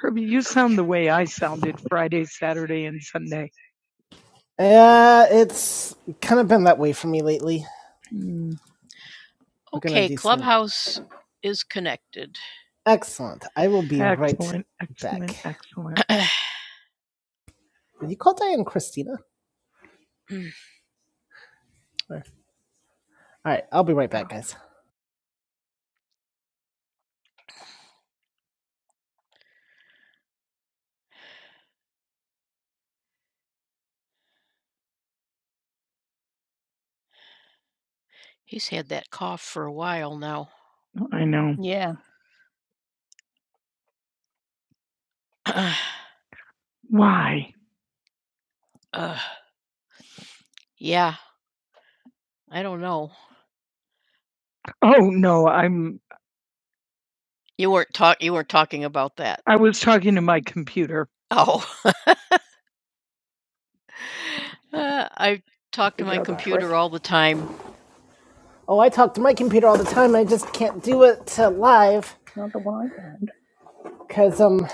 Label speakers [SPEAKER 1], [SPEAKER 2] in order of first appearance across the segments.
[SPEAKER 1] Herbie, you sound the way I sounded Friday, Saturday, and Sunday. Yeah, uh, it's kind of been that way for me lately. Mm, Okay, do some Clubhouse is connected. excellent. I will be excellent, right excellent, back. excellent. Did you call Diane Christina? Mm. All right, I'll be right back, guys. He's had that cough for a while now. I know. Yeah. uh, Why? Uh, yeah, I don't know. Oh no, I'm You weren't talk you weren't talking about that? I was talking to my computer. Oh, uh, I talk to Figure my Figure out that first. computer first. all the time. Oh, I talk to my computer all the time. I just can't do it uh, live Nope. because um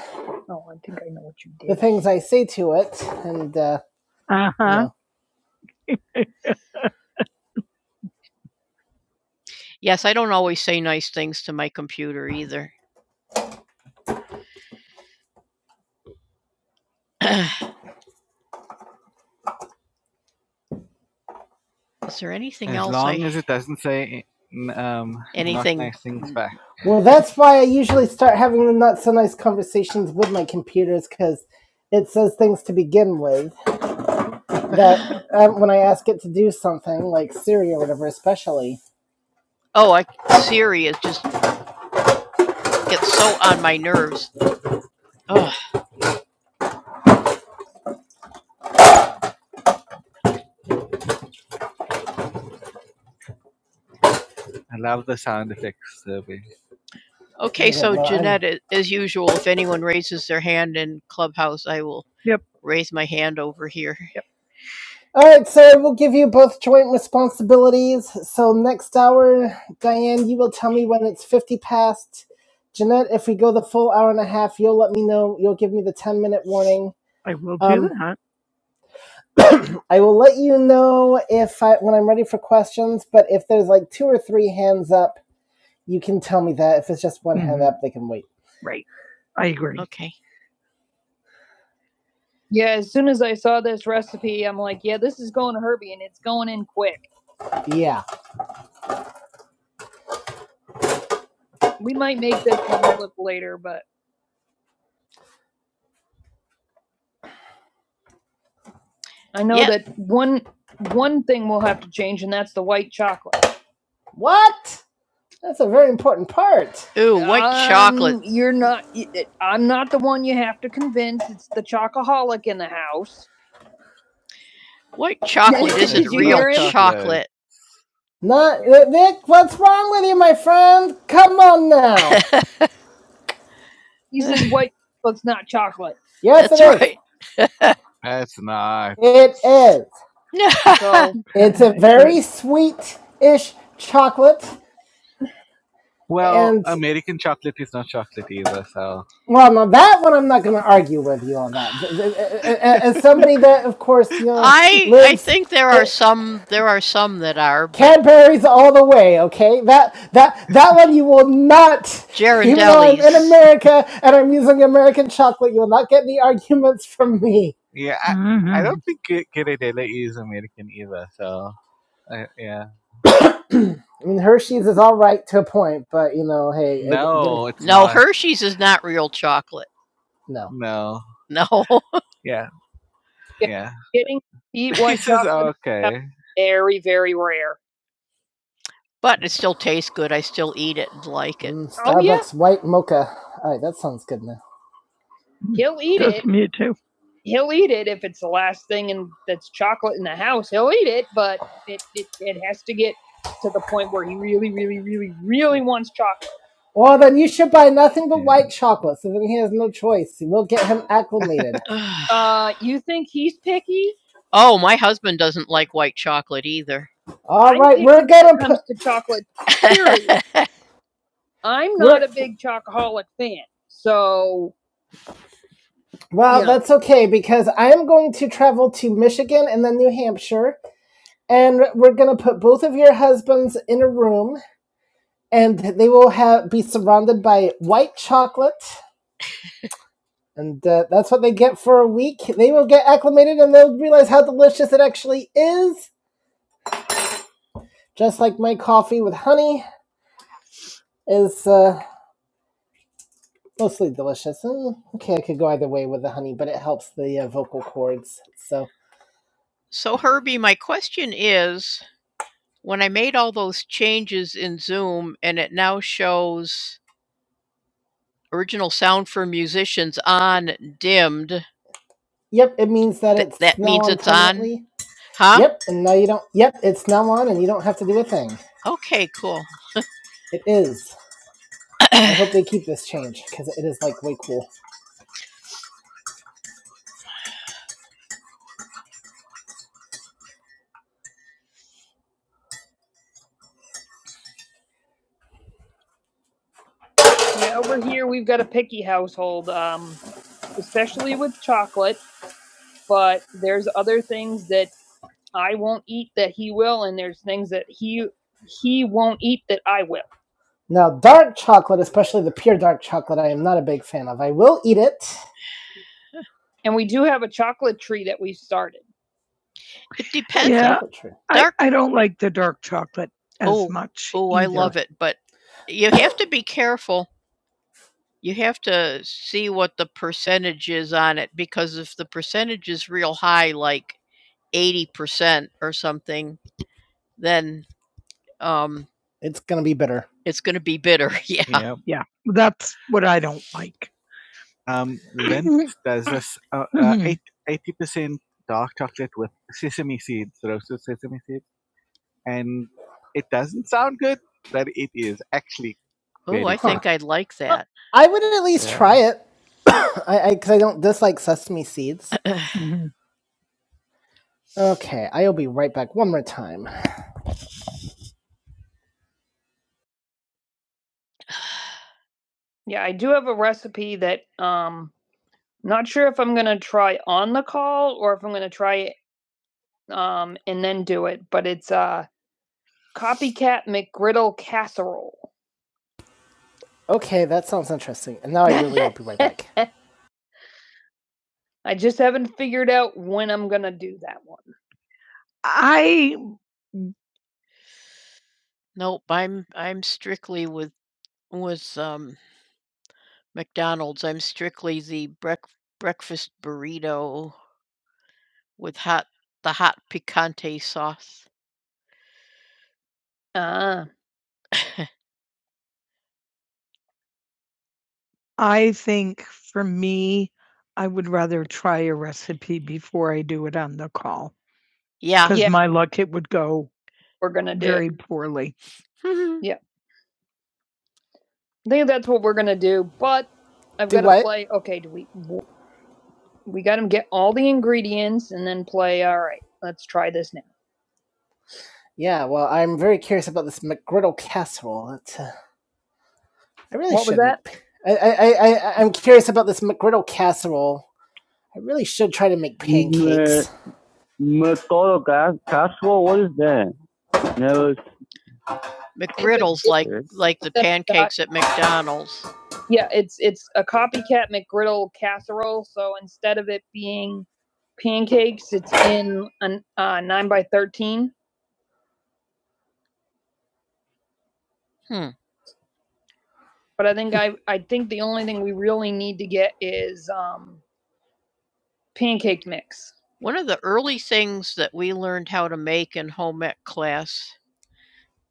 [SPEAKER 1] Oh, I think I know what you the did. things I say to it and uh, Uh you huh. know. Yes, I don't always say nice things to my computer either. Is there anything? Well, that's why I usually start having the not so nice conversations with my computers because it says things to begin with. that um, when I ask it to do something like Siri or whatever, especially. Oh, I, Siri is just gets so on my nerves. Ugh. Okay, so know. I'm Jeanette, I'm... as usual, if anyone raises their hand in Clubhouse, I will Yep. raise my hand over here. Yep. all right, so we will give you both joint responsibilities. So next hour, Diane, you will tell me when it's fifty past. Jeanette, if we go the full hour and a half, you'll let me know. You'll give me the ten minute warning. I will do Um, that. I will let you know if I when I'm ready for questions. But if there's like two or three hands up, you can tell me that. If it's just one mm-hmm. hand up, they can wait. Right. I agree. Okay. Yeah, as soon as I saw this recipe, I'm like, yeah, this is going to Herbie and it's going in quick. Yeah. We might make this one flip later, but I know Yeah. that one one thing will have to change and that's the white chocolate. What? That's a very important part. Ooh, white um, chocolate. You're not. I'm not the one you have to convince. It's the chocoholic in the house. White chocolate. Not Nick. What's wrong with you, my friend? Come on now. He said white chocolate's not chocolate. yes, That's it is. right. Is. It is. So It's a very sweet-ish chocolate. Well, no, that one I'm not going to argue with you on that. As somebody that, of course, you know, I lives, I think there are it, some there are some that are, but Cadbury's all the way. Okay, that that that one you will not. Ghirardellis. Even though I'm in America and I'm using American chocolate, you will not get any arguments from me. hmm I mean, Hershey's is all right to a point, but you know, hey, Hershey's is not real chocolate. no. No. getting very, very rare. But it still tastes good. I still eat it and like it. Mm, Starbucks Oh, yeah. white mocha. All right, that sounds good now. He'll eat Goes it. me too. He'll eat it if it's the last thing and that's chocolate in the house. He'll eat it, but it, it, it has to get to the point where he really, really, really, really wants chocolate. Well, then you should buy nothing like chocolate, so then he has no choice. We'll get him acclimated. Uh, you think he's picky? Oh, my husband doesn't like white chocolate either. All i right, we're gonna it put. comes p- to chocolate. Period. I'm We're, not we're... a big chocoholic fan, so you well, you know. that's okay because I am going to travel to Michigan and then New Hampshire, and we're gonna put both of your husbands in a room, and they will have be surrounded by white chocolate And uh, that's what they get for a week. They will get acclimated and they'll realize how delicious it actually is. Just like my coffee with honey is uh, mostly delicious. Mm, okay, I could go either way with the honey, but it helps the uh, vocal cords. So, So, Herbie, my question is when I made all those changes in Zoom and it now shows original sound for musicians on dimmed, Yep, it means that That it's that now means on it's on, permanently. huh? Yep, and now you don't. Yep, it's now on, and you don't have to do a thing. Okay, cool. It is. I hope they keep this change because it is like way cool. Yeah, over here we've got a picky household, um, especially with chocolate. But there's other things that I won't eat that he will, and there's things that he he won't eat that I will. Now, dark chocolate, especially the pure dark chocolate, I am not a big fan of. I will eat it, And we do have a chocolate tree that we started. It depends. Yeah. Chocolate I, Dark- I don't like the dark chocolate as Oh, much. Oh, either. I love it, but you have to be careful. You have to see what the percentage is on it because if the percentage is real high, like eighty percent or something, then um, It's gonna be bitter. it's going to be bitter. Yeah, yeah. That's what I don't like. I think I'd like that. Well, I would at It, I, because I, 'cause I don't dislike sesame seeds. Okay, I'll be right back one more time. Yeah, I do have a recipe that um not sure if I'm gonna try on the call or if I'm gonna try it um and then do it, but it's uh copycat McGriddle casserole. Okay, that sounds interesting. And now I really will be right back. I just haven't figured out when I'm gonna do that one. I nope. I'm I'm strictly with was um McDonald's, I'm strictly the break breakfast burrito with hot the hot picante sauce. Ah. I think for me, I would rather try a recipe before I do it on the call, Yeah. 'cause Yeah. my luck, it would go We're gonna do very poorly. Yeah, I think that's what we're gonna do, but I've got Do gotta what? play okay, do we w we gotta get all the ingredients and then play, "Alright, let's try this now." Yeah, well, I'm very curious about this McGriddle casserole. It's, uh, I really What shouldn't. was that? I, I, I, I- am curious about this McGriddle casserole. I really should try to make pancakes. Yeah. McGriddles like like the pancakes at McDonald's. Yeah, it's it's a copycat McGriddle casserole. So instead of it being pancakes, it's in a uh, nine by thirteen. Hmm. But I think I I think the only thing we really need to get is um pancake mix. One of the early things that we learned how to make in home ec class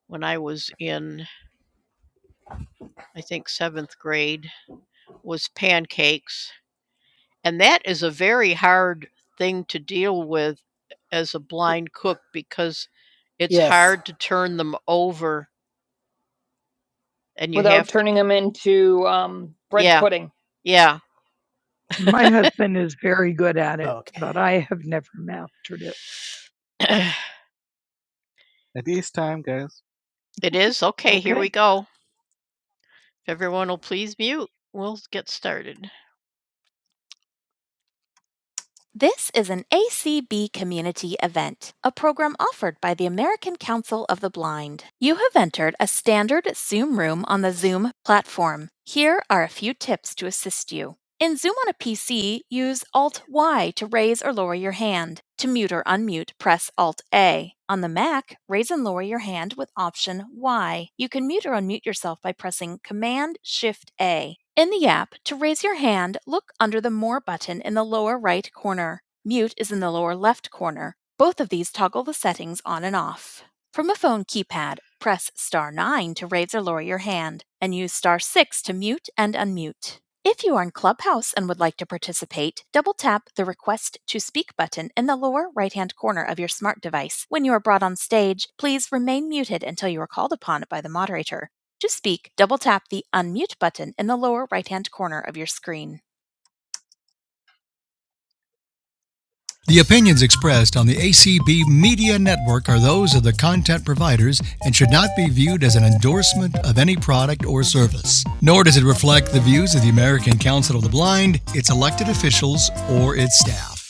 [SPEAKER 1] when I was in, I think, seventh grade was pancakes. And that is a very hard thing to deal with as a blind cook because it's Yes. hard to turn them over and you without have to, turning them into um, bread Yeah. pudding. yeah My husband is very good at it, Okay. but I have never mastered it. it is okay, here Okay. we go If everyone will please mute, we'll get started. This is an ACB community event, a program offered by the American Council of the Blind. You have entered a standard Zoom room on the Zoom platform. Here are a few tips to assist you. In Zoom on a PC, use Alt Y to raise or lower your hand. To mute or unmute, press Alt A. On the Mac, raise and lower your hand with Option Y. You can mute or unmute yourself by pressing Command Shift A. In the app, to raise your hand, look under the More button in the lower right corner. Mute is in the lower left corner. Both of these toggle the settings on and off. From a phone keypad, press star 9 to raise or lower your hand and use star 6 to mute and unmute. If you are in Clubhouse and would like to participate, double tap the Request to Speak button in the lower right hand corner of your smart device. When you are brought on stage, please remain muted until you are called upon by the moderator. To speak, double tap the Unmute button in the lower right hand corner of your screen. The opinions expressed on the ACB Media Network are those of the content providers and should not be viewed as an endorsement of any product or service. Nor does it reflect the views of the American Council of the Blind, its elected officials, or its staff.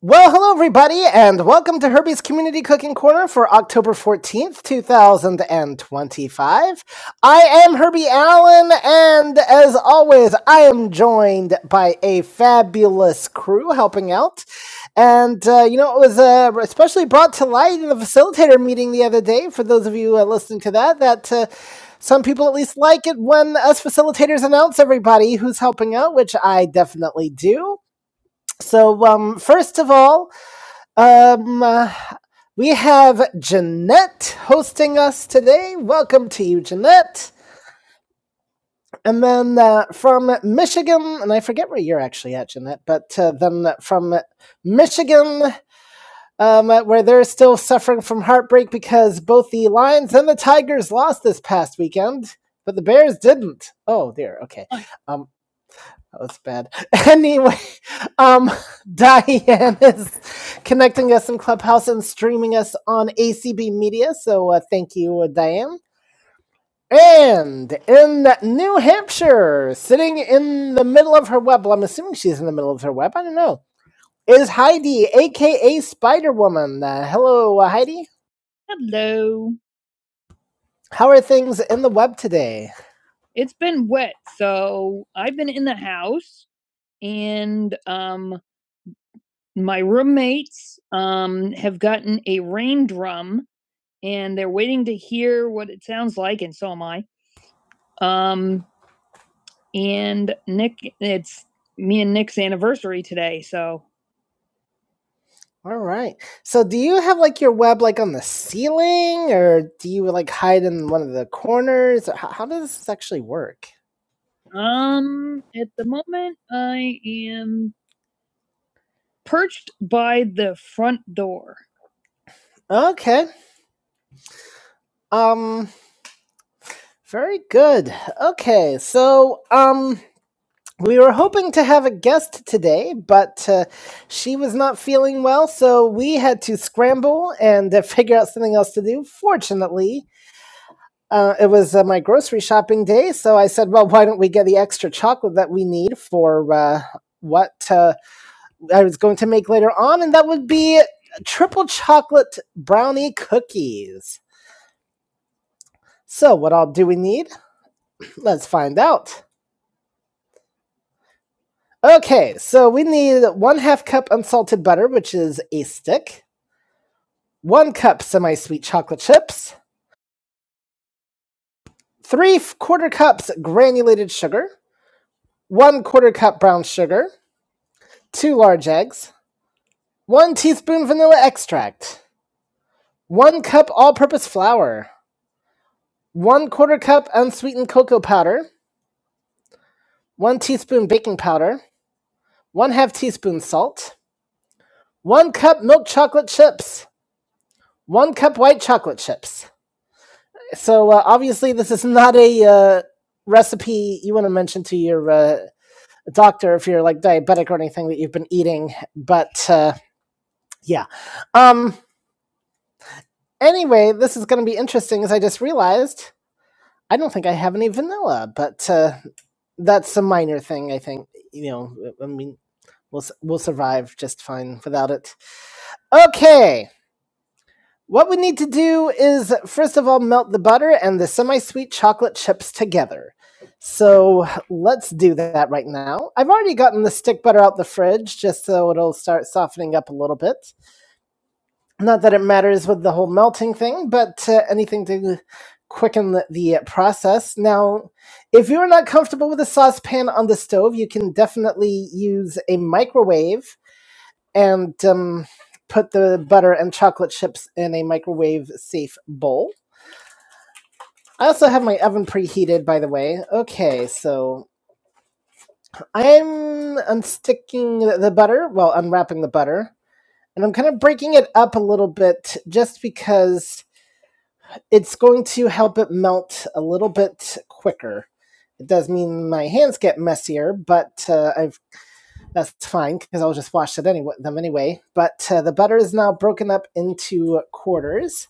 [SPEAKER 1] Well, hello, everybody, and welcome to Herbie's Community Cooking Corner for October 14th, 2025. I am Herbie Allen, and as always, I am joined by a fabulous crew helping out. And, uh, you know, it was uh, especially brought to light in the facilitator meeting the other day, for those of you uh, listening to that, that. Uh, some people at least like it when us facilitators announce everybody who's helping out, which I definitely do. So, um, first of all, um, uh, we have Jeanette hosting us today. Welcome to you, Jeanette. And then uh, from Michigan, and I forget where you're actually at, Jeanette, but uh, then from Michigan, um, uh, where they're still suffering from heartbreak because both the Lions and the Tigers lost this past weekend, but the Bears didn't. Oh, dear. Okay. Um, that was bad. Anyway, um, Diane is connecting us in Clubhouse and streaming us on ACB Media. So uh, thank you, uh, Diane. And in New Hampshire, sitting in the middle of her web, well, I'm assuming she's in the middle of her web. I don't know. Is Heidi, aka Spider Woman? Uh, hello, uh, Heidi. Hello. How are things in the web today? It's been wet, so I've been in the house and um. my roommates um, have gotten a rain drum and they're waiting to hear what it sounds like, and so am I. Um, and Nick, it's me and Nick's anniversary today, so All right. So do you have like your web like on the ceiling or do you like hide in one of the corners? How, how does this actually work? um, at the moment I am perched by the front door. Okay. Um Very good. Okay, so um, we were hoping to have a guest today, but uh, she was not feeling well, so we had to scramble and uh, figure out something else to do. Fortunately, uh, it was uh, my grocery shopping day, so I said, "Well, why don't we get the extra chocolate that we need for uh, what uh, I was going to make later on?" And that would be triple chocolate brownie cookies. So, what all do we need? Let's find out. Okay, so we need one half cup unsalted butter, which is a stick, one cup semi sweet chocolate chips, three quarter cups granulated sugar, one quarter cup brown sugar, two large eggs, one teaspoon vanilla extract, one cup all purpose flour, one quarter cup unsweetened cocoa powder, one teaspoon baking powder, one half teaspoon salt, one cup milk chocolate chips, one cup white chocolate chips. So uh, obviously, this is not a uh, recipe you want to mention to your uh, doctor if you're like diabetic or anything that you've been eating. But uh, yeah. Um. Anyway, this is going to be interesting, as I just realized. I don't think I have any vanilla, but uh, that's a minor thing. I think you know. I mean, we'll we'll survive just fine without it. Okay. What we need to do is, first of all, melt the butter and the semi sweet chocolate chips together. So let's do that right now. I've already gotten the stick butter out the fridge just so it'll start softening up a little bit. Not that it matters with the whole melting thing, but uh, anything to quicken the, the uh, process. Now, if you're not comfortable with a saucepan on the stove, you can definitely use a microwave and um, put the butter and chocolate chips in a microwave safe bowl. I also have my oven preheated, by the way. Okay, so I'm unsticking the butter, well, unwrapping the butter, and I'm kind of breaking it up a little bit just because it's going to help it melt a little bit quicker. It does mean my hands get messier, but uh, I've that's fine because I'll just wash it anyway them anyway. But uh, the butter is now broken up into quarters,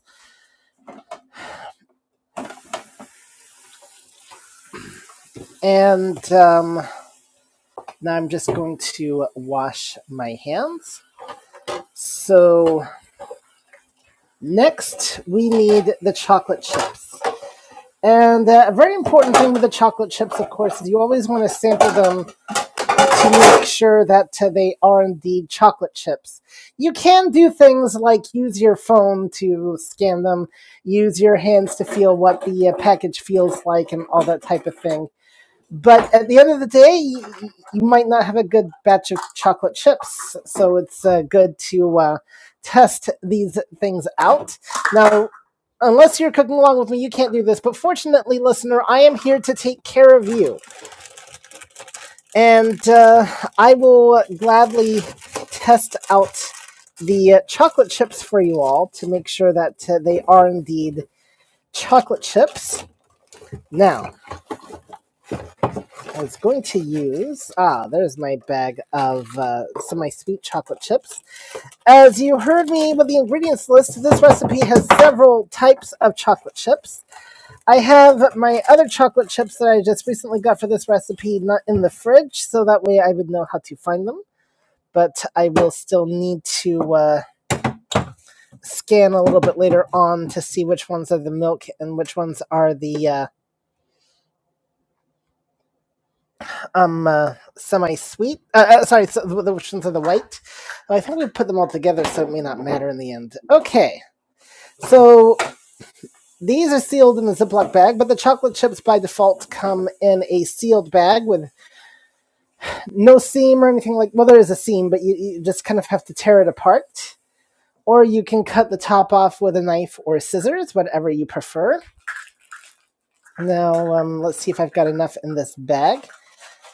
[SPEAKER 1] And um, now I'm just going to wash my hands. So next we need the chocolate chips. And uh, a very important thing with the chocolate chips, of course, is you always want to sample them to make sure that uh, they are indeed chocolate chips. You can do things like use your phone to scan them, use your hands to feel what the uh, package feels like, and all that type of thing. but at the end of the day, you, you might not have a good batch of chocolate chips, so it's uh, good to uh, test these things out. Now, unless you're cooking along with me, you can't do this. But fortunately, listener, I am here to take care of you, and uh, I will gladly test out the uh, chocolate chips for you all to make sure that uh, they are indeed chocolate chips. Now I was going to use ah, there's my bag of uh, some of my sweet chocolate chips. As you heard me with the ingredients list, this recipe has several types of chocolate chips. I have my other chocolate chips that I just recently got for this recipe not in the fridge, so that way I would know how to find them. But I will still need to uh, scan a little bit later on to see which ones are the milk and which ones are the uh, um uh, semi-sweet uh, uh, sorry so the, which ones are the white Well, i think we put them all together so it may not matter in the end okay so these are sealed in a ziploc bag but the chocolate chips by default come in a sealed bag with no seam or anything like well there is a seam but you, you just kind of have to tear it apart or you can cut the top off with a knife or scissors whatever you prefer now um, let's see if i've got enough in this bag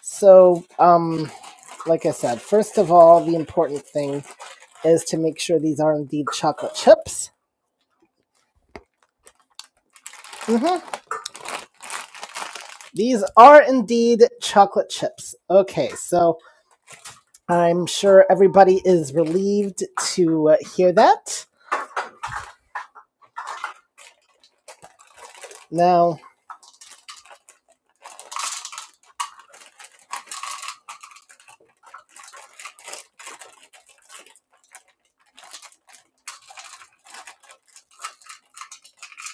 [SPEAKER 1] So, um, like I said, first of all, the important thing is to make sure these are indeed chocolate chips. hmm These are indeed chocolate chips. Okay, so I'm sure everybody is relieved to uh, hear that. Now,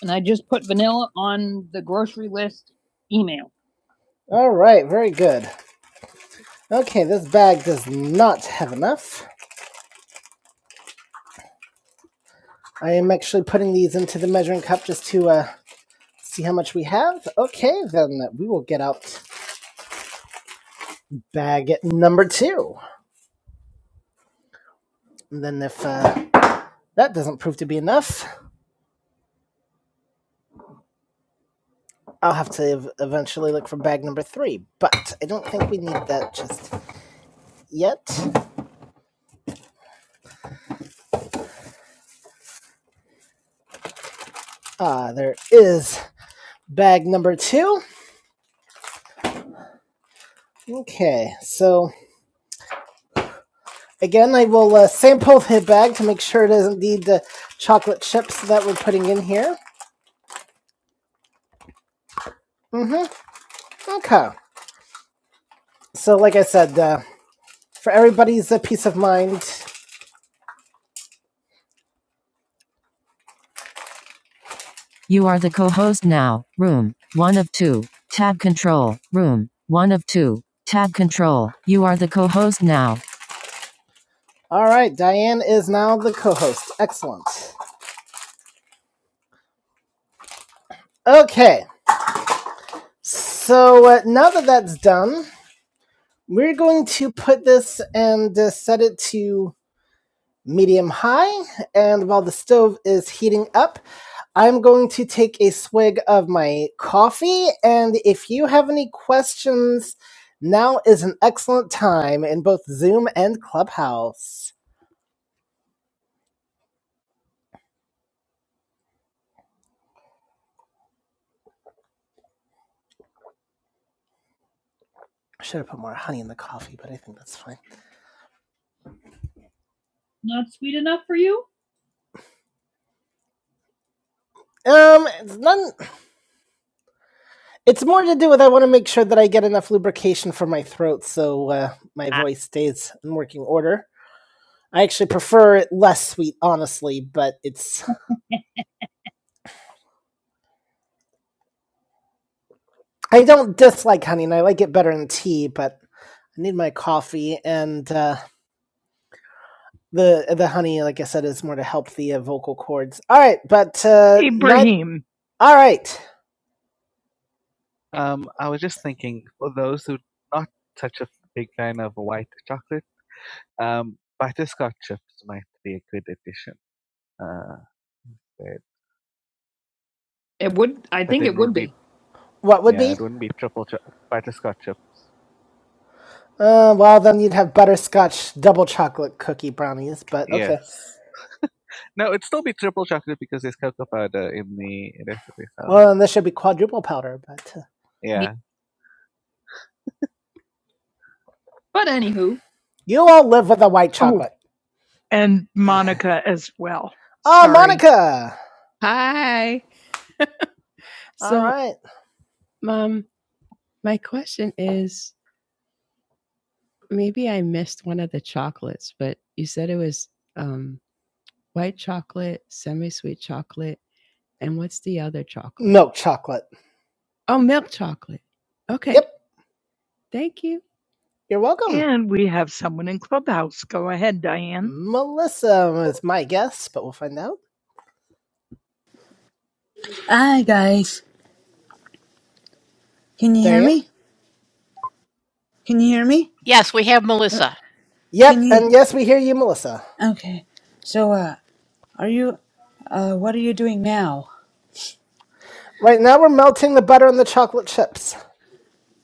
[SPEAKER 1] And I just put vanilla on the grocery list email. all right, very good. Okay, this bag does not have enough. I am actually putting these into the measuring cup just to uh, see how much we have. Okay, then we will get out bag number two. And then if uh, that doesn't prove to be enough, I'll have to eventually look for bag number three. But I don't think we need that just yet. Ah, there is bag number two. Okay, so again, I will uh, sample the bag to make sure it is indeed the chocolate chips that we're putting in here. Mm-hmm. Okay. So, like I said, uh, for everybody's uh, peace of mind, All right, Diane is now the co host. Excellent. Okay, so uh, now that that's done, we're going to put this and uh, set it to medium high. And while the stove is heating up, I'm going to take a swig of my coffee. And if you have any questions, now is an excellent time in both Zoom and Clubhouse. I should have put more honey in the coffee, but I think that's fine. Not sweet enough for you? Um, it's not. It's more to do with I want to make sure that I get enough lubrication for my throat so uh, my ah. voice stays in working order. I actually prefer it less sweet, honestly, but it's. I don't dislike honey, and I like it better than tea, but I need my coffee, and uh, the the honey, like I said, is more to help the uh, vocal cords. All right, but uh, not, Ibrahim. Not... all right. It would I What? Uh, well, then you'd have butterscotch double chocolate cookie brownies, but Yes. um, this should be quadruple powder. But Uh, But anywho, You all live with a white Oh, chocolate. Oh, and Monica as well. Oh, Sorry. Monica. All So, all right. Okay. Milk chocolate. okay. Yep. You're welcome. And we have someone in Clubhouse. Go ahead, Diane. Melissa is my guess, but we'll find out.
[SPEAKER 2] Hi guys, can you hear
[SPEAKER 1] Diane?
[SPEAKER 2] me? Can you hear me?
[SPEAKER 1] Yes, we have Melissa.
[SPEAKER 2] Can
[SPEAKER 1] Yep.
[SPEAKER 2] you?
[SPEAKER 1] And yes, we hear you, Melissa.
[SPEAKER 2] Okay. So, uh, are you? Uh, what are you doing now?
[SPEAKER 1] Right now, we're melting the butter on the chocolate chips.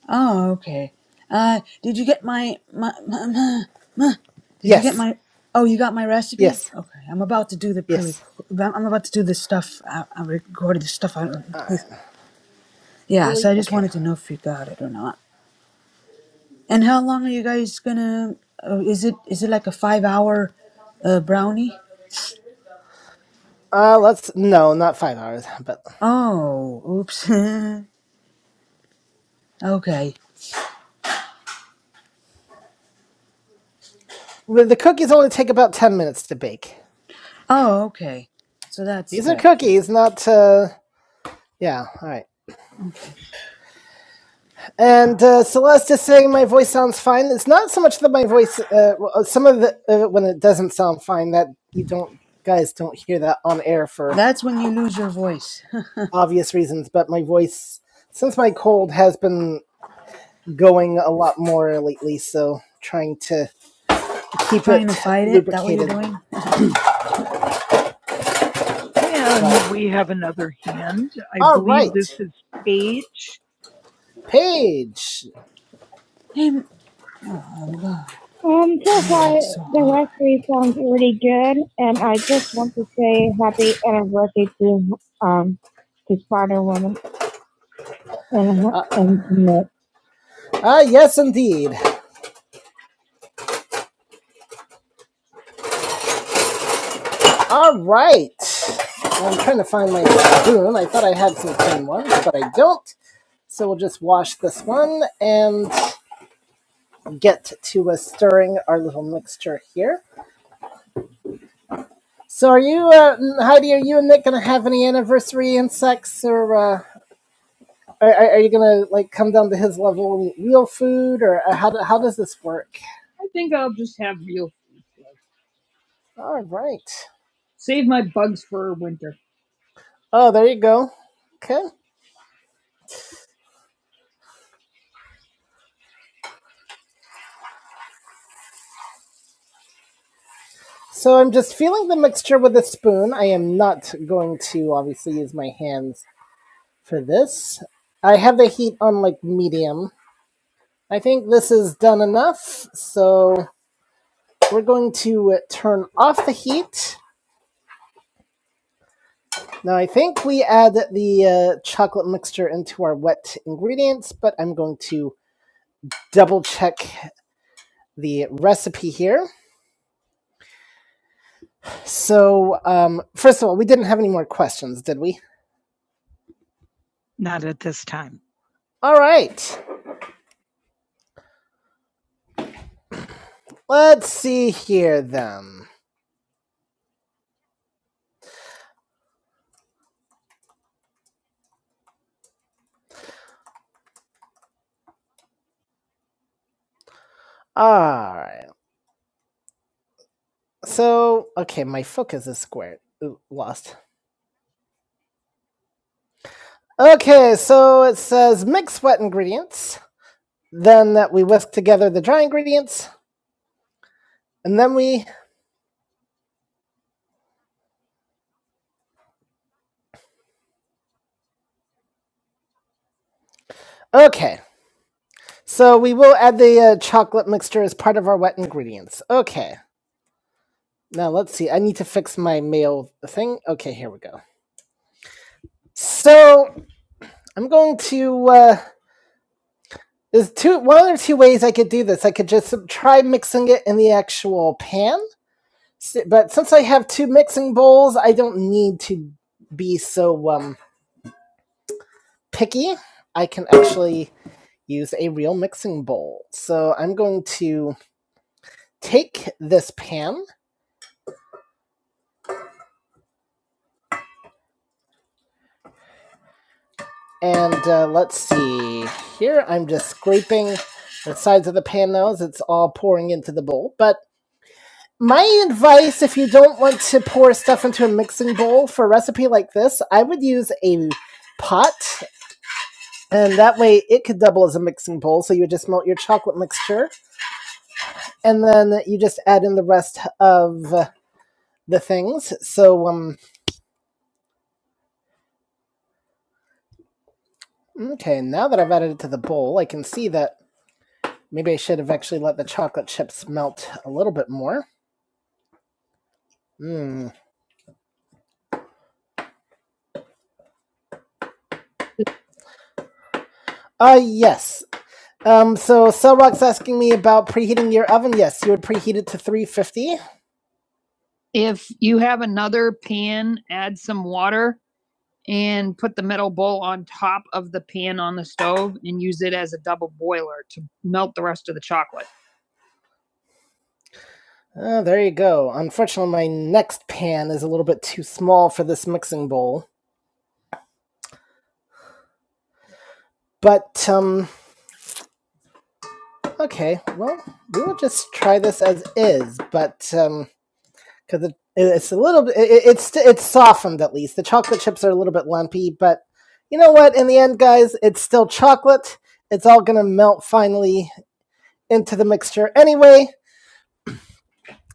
[SPEAKER 2] Oh, okay. Uh, did you get my my my? my, my- did you get
[SPEAKER 1] Yes.
[SPEAKER 2] my? Oh, you got my recipe?
[SPEAKER 1] Yes.
[SPEAKER 2] Okay, I'm about to do the pre.
[SPEAKER 1] Yes.
[SPEAKER 2] I'm about to do this stuff. I, I recorded this stuff. I,
[SPEAKER 1] Uh,
[SPEAKER 2] yeah, so
[SPEAKER 1] really?
[SPEAKER 2] I just
[SPEAKER 1] Okay.
[SPEAKER 2] wanted to know if you got it or not. And how long are you guys gonna? Uh, is it is it like a five hour uh, brownie?
[SPEAKER 1] Uh, let's. No, not five hours, but
[SPEAKER 2] Oh, oops. okay.
[SPEAKER 1] Well, The cookies only take about 10 minutes to bake.
[SPEAKER 2] Oh, okay. So that's
[SPEAKER 1] These are
[SPEAKER 2] good.
[SPEAKER 1] cookies, not, uh, yeah, alright.
[SPEAKER 2] Okay.
[SPEAKER 1] And, uh, Celeste is saying my voice sounds fine. It's not so much that my voice, uh, well, some of the, uh, when it doesn't sound fine, that you don't, guys don't hear that on air for
[SPEAKER 2] That's when you lose your voice.
[SPEAKER 1] obvious reasons, but my voice, since my cold has been going a lot more lately, so trying to keep it
[SPEAKER 2] Trying to fight it? That what you're
[SPEAKER 1] lubricated.
[SPEAKER 2] doing?
[SPEAKER 1] And But, we have another hand. I believe alright, this is Paige. Paige!
[SPEAKER 2] Hey, m- oh god,
[SPEAKER 1] Um, so far,
[SPEAKER 2] it's so
[SPEAKER 1] the
[SPEAKER 2] hard.
[SPEAKER 1] last three songs are really good, and I just want to say happy anniversary to um to Spider Woman and Uh, and Nick. ah, yes, indeed. All right. I'm trying to find my spoon. I thought I had some clean ones, but I don't. So we'll just wash this one and get to uh, stirring our little mixture here. So are you, uh, Heidi, are you and Nick going to have any anniversary insects or... uh, Are, are you gonna like come down to his level and eat real food, or uh, how do, how does this work? I think I'll just have real food. Like, All right. save my bugs for winter. Oh, there you go. Okay. So I'm just feeling the mixture with a spoon. I am not going to obviously use my hands for this. I have the heat on like medium. I think this is done enough. So we're going to turn off the heat Now I think we add the uh, chocolate mixture into our wet ingredients, but I'm going to double check the recipe here. So um, first of all, we didn't have any more questions, did we? Not at this time. All right. Let's see here then. All right. So, okay, my focus is squared. Ooh, lost. Okay, so it says mix wet ingredients, then that we whisk together the dry ingredients, and then we. Okay. So we will add the uh, chocolate mixture as part of our wet ingredients. Okay. Now let's see. I need to fix my mail thing. Okay, here we go. So I'm going to. Uh, there's two, one or two ways I could do this. I could just try mixing it in the actual pan, but since I have two mixing bowls, I don't need to be so um, picky. I can actually use a real mixing bowl. So I'm going to take this pan And uh, let's see. Here I'm just scraping the sides of the pan now as it's all pouring into the bowl. But my advice if you don't want to pour stuff into a mixing bowl for a recipe like this, I would use a pot. And that way it could double as a mixing bowl. So you would just melt your chocolate mixture and then you just add in the rest of uh, the things. So, um, okay, now that I've added it to the bowl, I can see that maybe I should have actually let the chocolate chips melt a little bit more. Mm. Uh, yes. Um, so Cellrock's asking me about preheating your oven. Yes, you would preheat it to 350. If you have another pan, add some water and put the metal bowl on top of the pan on the stove and use it as a double boiler to melt the rest of the chocolate. Uh, there you go. Unfortunately, my next pan is a little bit too small for this mixing bowl. But, um, okay, well, we will just try this as is. But, um, because it, it's a little bit it, it's it's softened at least. The chocolate chips are a little bit lumpy, but you know what? In the end, guys, it's still chocolate. It's all gonna melt finally into the mixture anyway,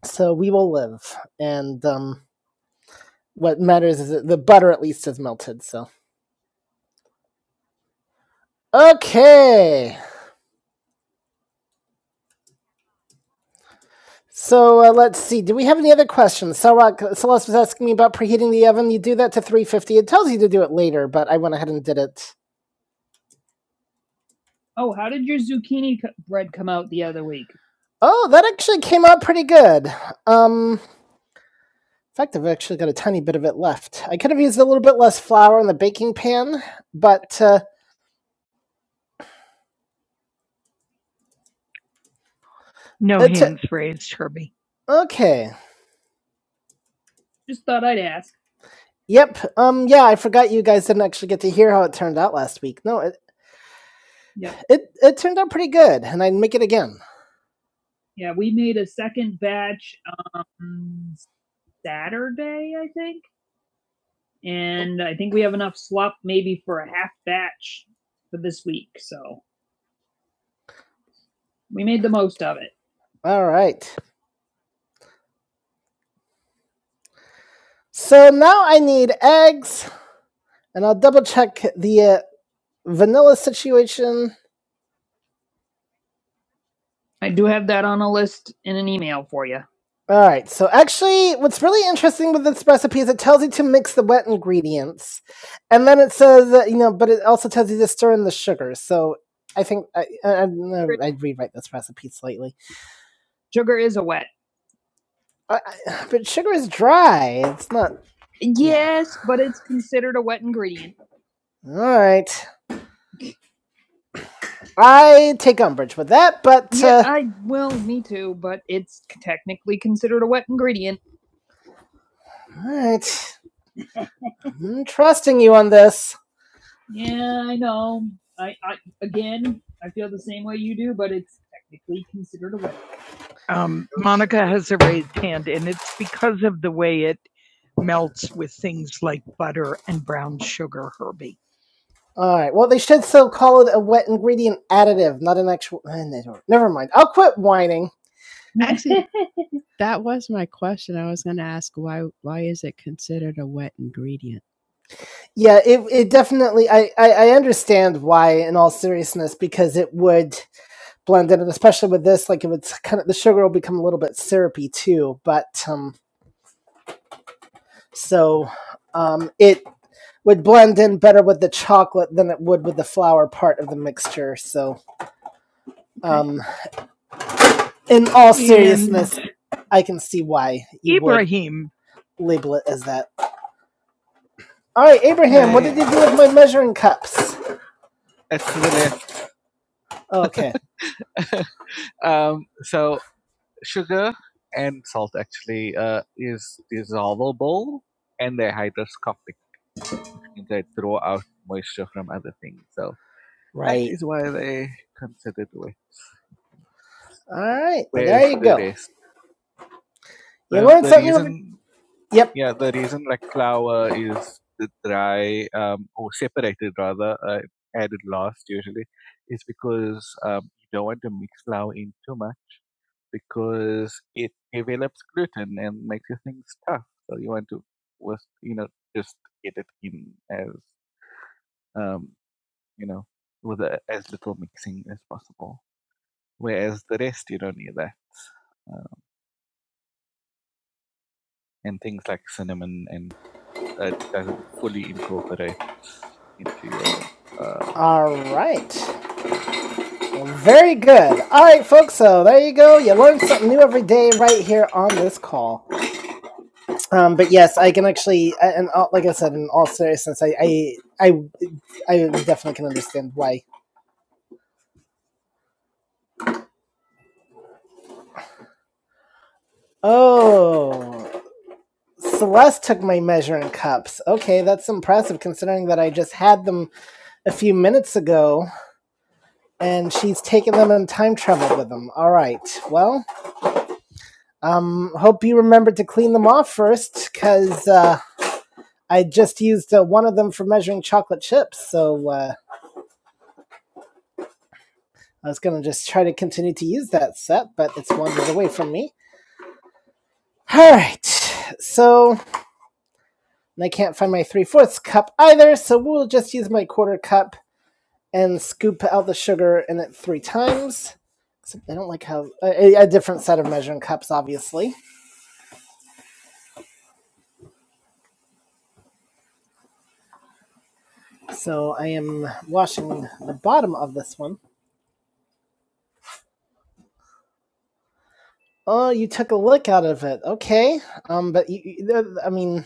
[SPEAKER 1] so we will live. And um, what matters is that the butter at least is melted. So okay. So uh, let's see. Do we have any other questions? Sarak, Celeste was asking me about preheating the oven. You do that to 350. It tells you to do it later, but I went ahead and did it Oh, how did your zucchini co- bread come out the other week? Oh, that actually came out pretty good. Um, in fact, I've actually got a tiny bit of it left. I could have used a little bit less flour in the baking pan, but uh, No It's a- hands t- raised, Herbie. okay. Just thought I'd ask. Yep. Um. Yeah, I forgot you guys didn't actually get to hear how it turned out last week. No, it Yeah. it, it turned out pretty good, and I'd make it again. Yeah, we made a second batch um, Saturday, I think. and I think we have enough slop maybe for a half batch for this week. So we made the most of it. All right. So now I need eggs, and I'll double check the uh, vanilla situation. I do have that on a list in an email for you. All right. So actually, what's really interesting with this recipe is it tells you to mix the wet ingredients, and then it says that, you know, but it also tells you to stir in the sugar. So I think I, I, I, I'd rewrite this recipe slightly. Sugar is a wet. I, but sugar is dry. It's not. Yeah. Yes, but it's considered a wet ingredient. All right. I take umbrage with that, but Yeah, uh, I will, me too, but it's technically considered a wet ingredient. all right. I'm trusting you on this. Yeah, I know. I, I again, I feel the same way you do, but it's technically considered a wet Um, Monica has a raised hand, and it's because of the way it melts with things like butter and brown sugar, Herbie. All right. Well, they should still call it a wet ingredient additive, not an actual. eh, Never mind. I'll quit whining. Actually, that was my question. I was going to ask why why is it considered a wet ingredient? Yeah, it it definitely I, I I understand why in all seriousness because it would blend in and especially with this like it would kind of the sugar will become a little bit syrupy too, but um so um it would blend in better with the chocolate than it would with the flour part of the mixture. So, Okay. um in all seriousness, I can see why you would Ibrahim. would label it as that. All right, Abraham, what did you do with my measuring cups? Okay. right. All right. Yep. All right. Well, very good. All right, folks. So there you go. You learn something new every day right here on this call. Um, but yes, I can actually, and uh, like I said, in all seriousness, I, I, I, I definitely can understand why. Oh, Celeste took my measuring cups. Okay, that's impressive considering that I just had them a few minutes ago, and she's taken them and time traveled with them. All right. Well, um, hope you remember to clean them off first, because. Uh, I just used uh, one of them for measuring chocolate chips, so uh, I was going to just try to continue to use that set, but it's wandered away from me. All right, so I can't find my three fourths cup either, so we'll just use my quarter cup and scoop out the sugar in it three times. Except I don't like how a, a different set of measuring cups, obviously. So I am washing the bottom of this one. Oh, you took a lick out of it. Okay. Um, but you, you, I mean,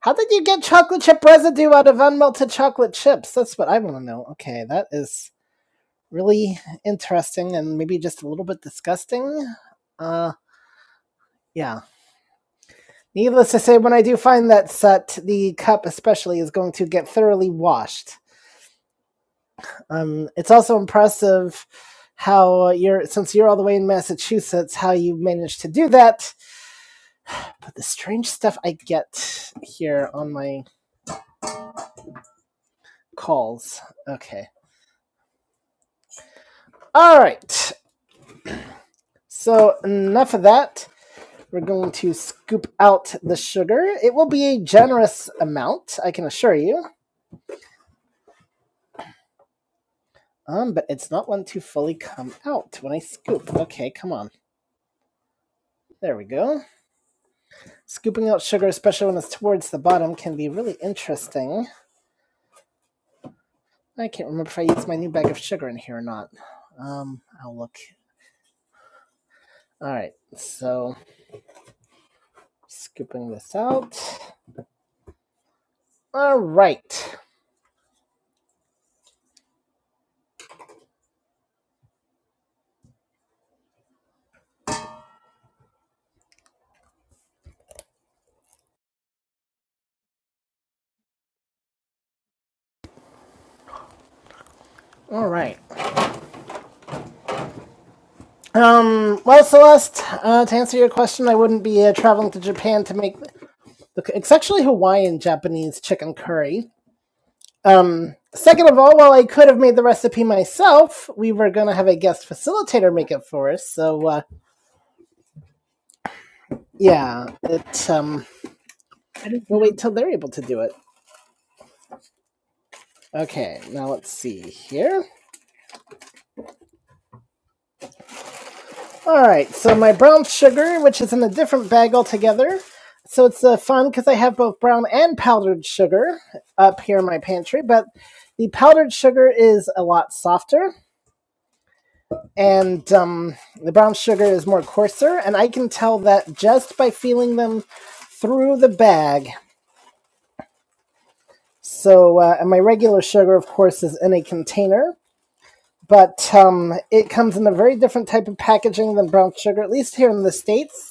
[SPEAKER 1] How did you get chocolate chip residue out of unmelted chocolate chips? That's what I want to know. Okay, that is really interesting and maybe just a little bit disgusting. Uh, yeah. Needless to say, when I do find that set, the cup especially is going to get thoroughly washed. Um, it's also impressive how you're, since you're all the way in Massachusetts, how you managed to do that. But the strange stuff I get here on my calls. Okay. All right. So, enough of that. We're going to scoop out the sugar. It will be a generous amount, I can assure you. Um, but it's not one to fully come out when I scoop. Okay, come on. There we go. Scooping out sugar, especially when it's towards the bottom, can be really interesting. I can't remember if I used my new bag of sugar in here or not. Um, I'll look. All right, so scooping this out. All right, all right. Um, well, Celeste, uh, to answer your question, I wouldn't be uh, traveling to Japan to make. Look, it's actually Hawaiian Japanese chicken curry. Um, second of all, while I could have made the recipe myself, we were gonna have a guest facilitator make it for us. So, uh, yeah, it. Um, I didn't we'll wait till they're able to do it. Okay, now let's see here. All right, so my brown sugar, which is in a different bag altogether. So it's uh, fun because I have both brown and powdered sugar up here in my pantry, but the powdered sugar is a lot softer and um, the brown sugar is more coarser, and I can tell that just by feeling them through the bag. So, uh, and my regular sugar, of course, is in a container, but um, it comes in a very different type of packaging than brown sugar, at least here in the States.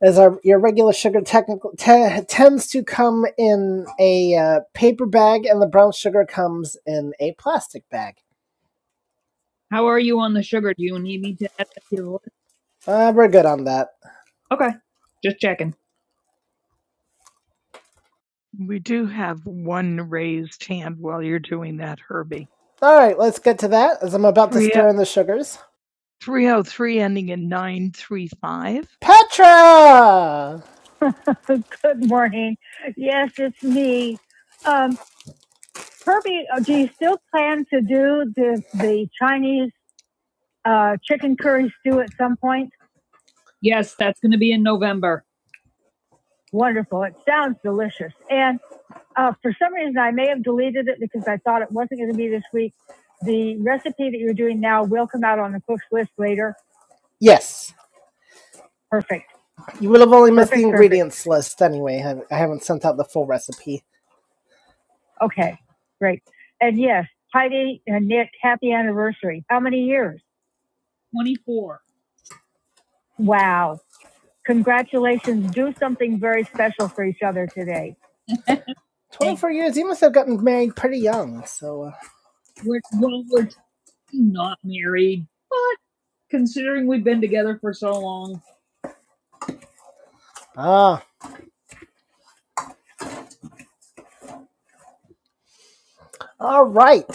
[SPEAKER 1] as our your regular sugar technical te- tends to come in a uh, paper bag, and the brown sugar comes in a plastic bag. How are you on the sugar? Do you need me to add that to the list? Uh, we're good on that. Okay, just checking. We do have one raised hand while you're doing that, Herbie. All right, let's get to that as I'm about to Yeah. stir in the sugars. 303 ending in 935. Petra! Good morning. Yes, it's me. Um, Kirby, uh, do you still plan to do the the Chinese uh, chicken curry stew at some point? Yes, that's going to be in November. Wonderful. It sounds delicious. And uh, for some reason, I may have deleted it because I thought it wasn't going to be this week. The recipe that you're doing now will come out on the cook's list later. Yes. Perfect. You will have only missed the Perfect. Perfect. ingredients perfect. list anyway. I haven't sent out the full recipe. Okay. Great. And yes, Heidi and Nick, happy anniversary. How many years? 24. Wow. Congratulations. Do something very special for each other today. 24 years, you must have gotten married pretty young. So, uh, We're, well, we're not married, but considering we've been together for so long, ah, all right.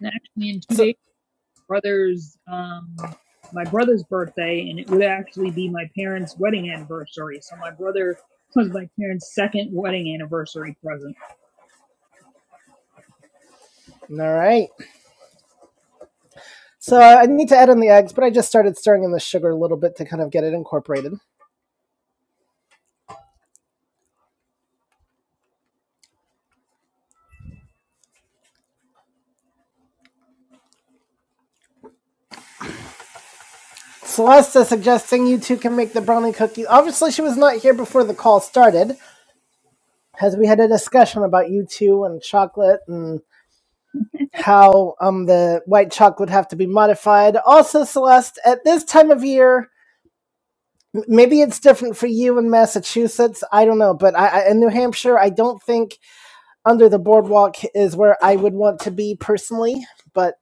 [SPEAKER 1] and actually in two So, days, brother's um my brother's birthday, and it would actually be my parents' wedding anniversary. So my brother was my parents' second wedding anniversary present. all right. So I need to add in the eggs, but I just started stirring in the sugar a little bit to kind of get it incorporated. Celesta suggesting you two can make the brownie cookies. Obviously, she was not here before the call started, as we had a discussion about you two and chocolate and how um the white chocolate would have to be modified. Also, Celeste, at this time of year, maybe it's different for you in Massachusetts. I don't know, but I, I in New Hampshire, I don't think under the boardwalk is where I would want to be personally, but.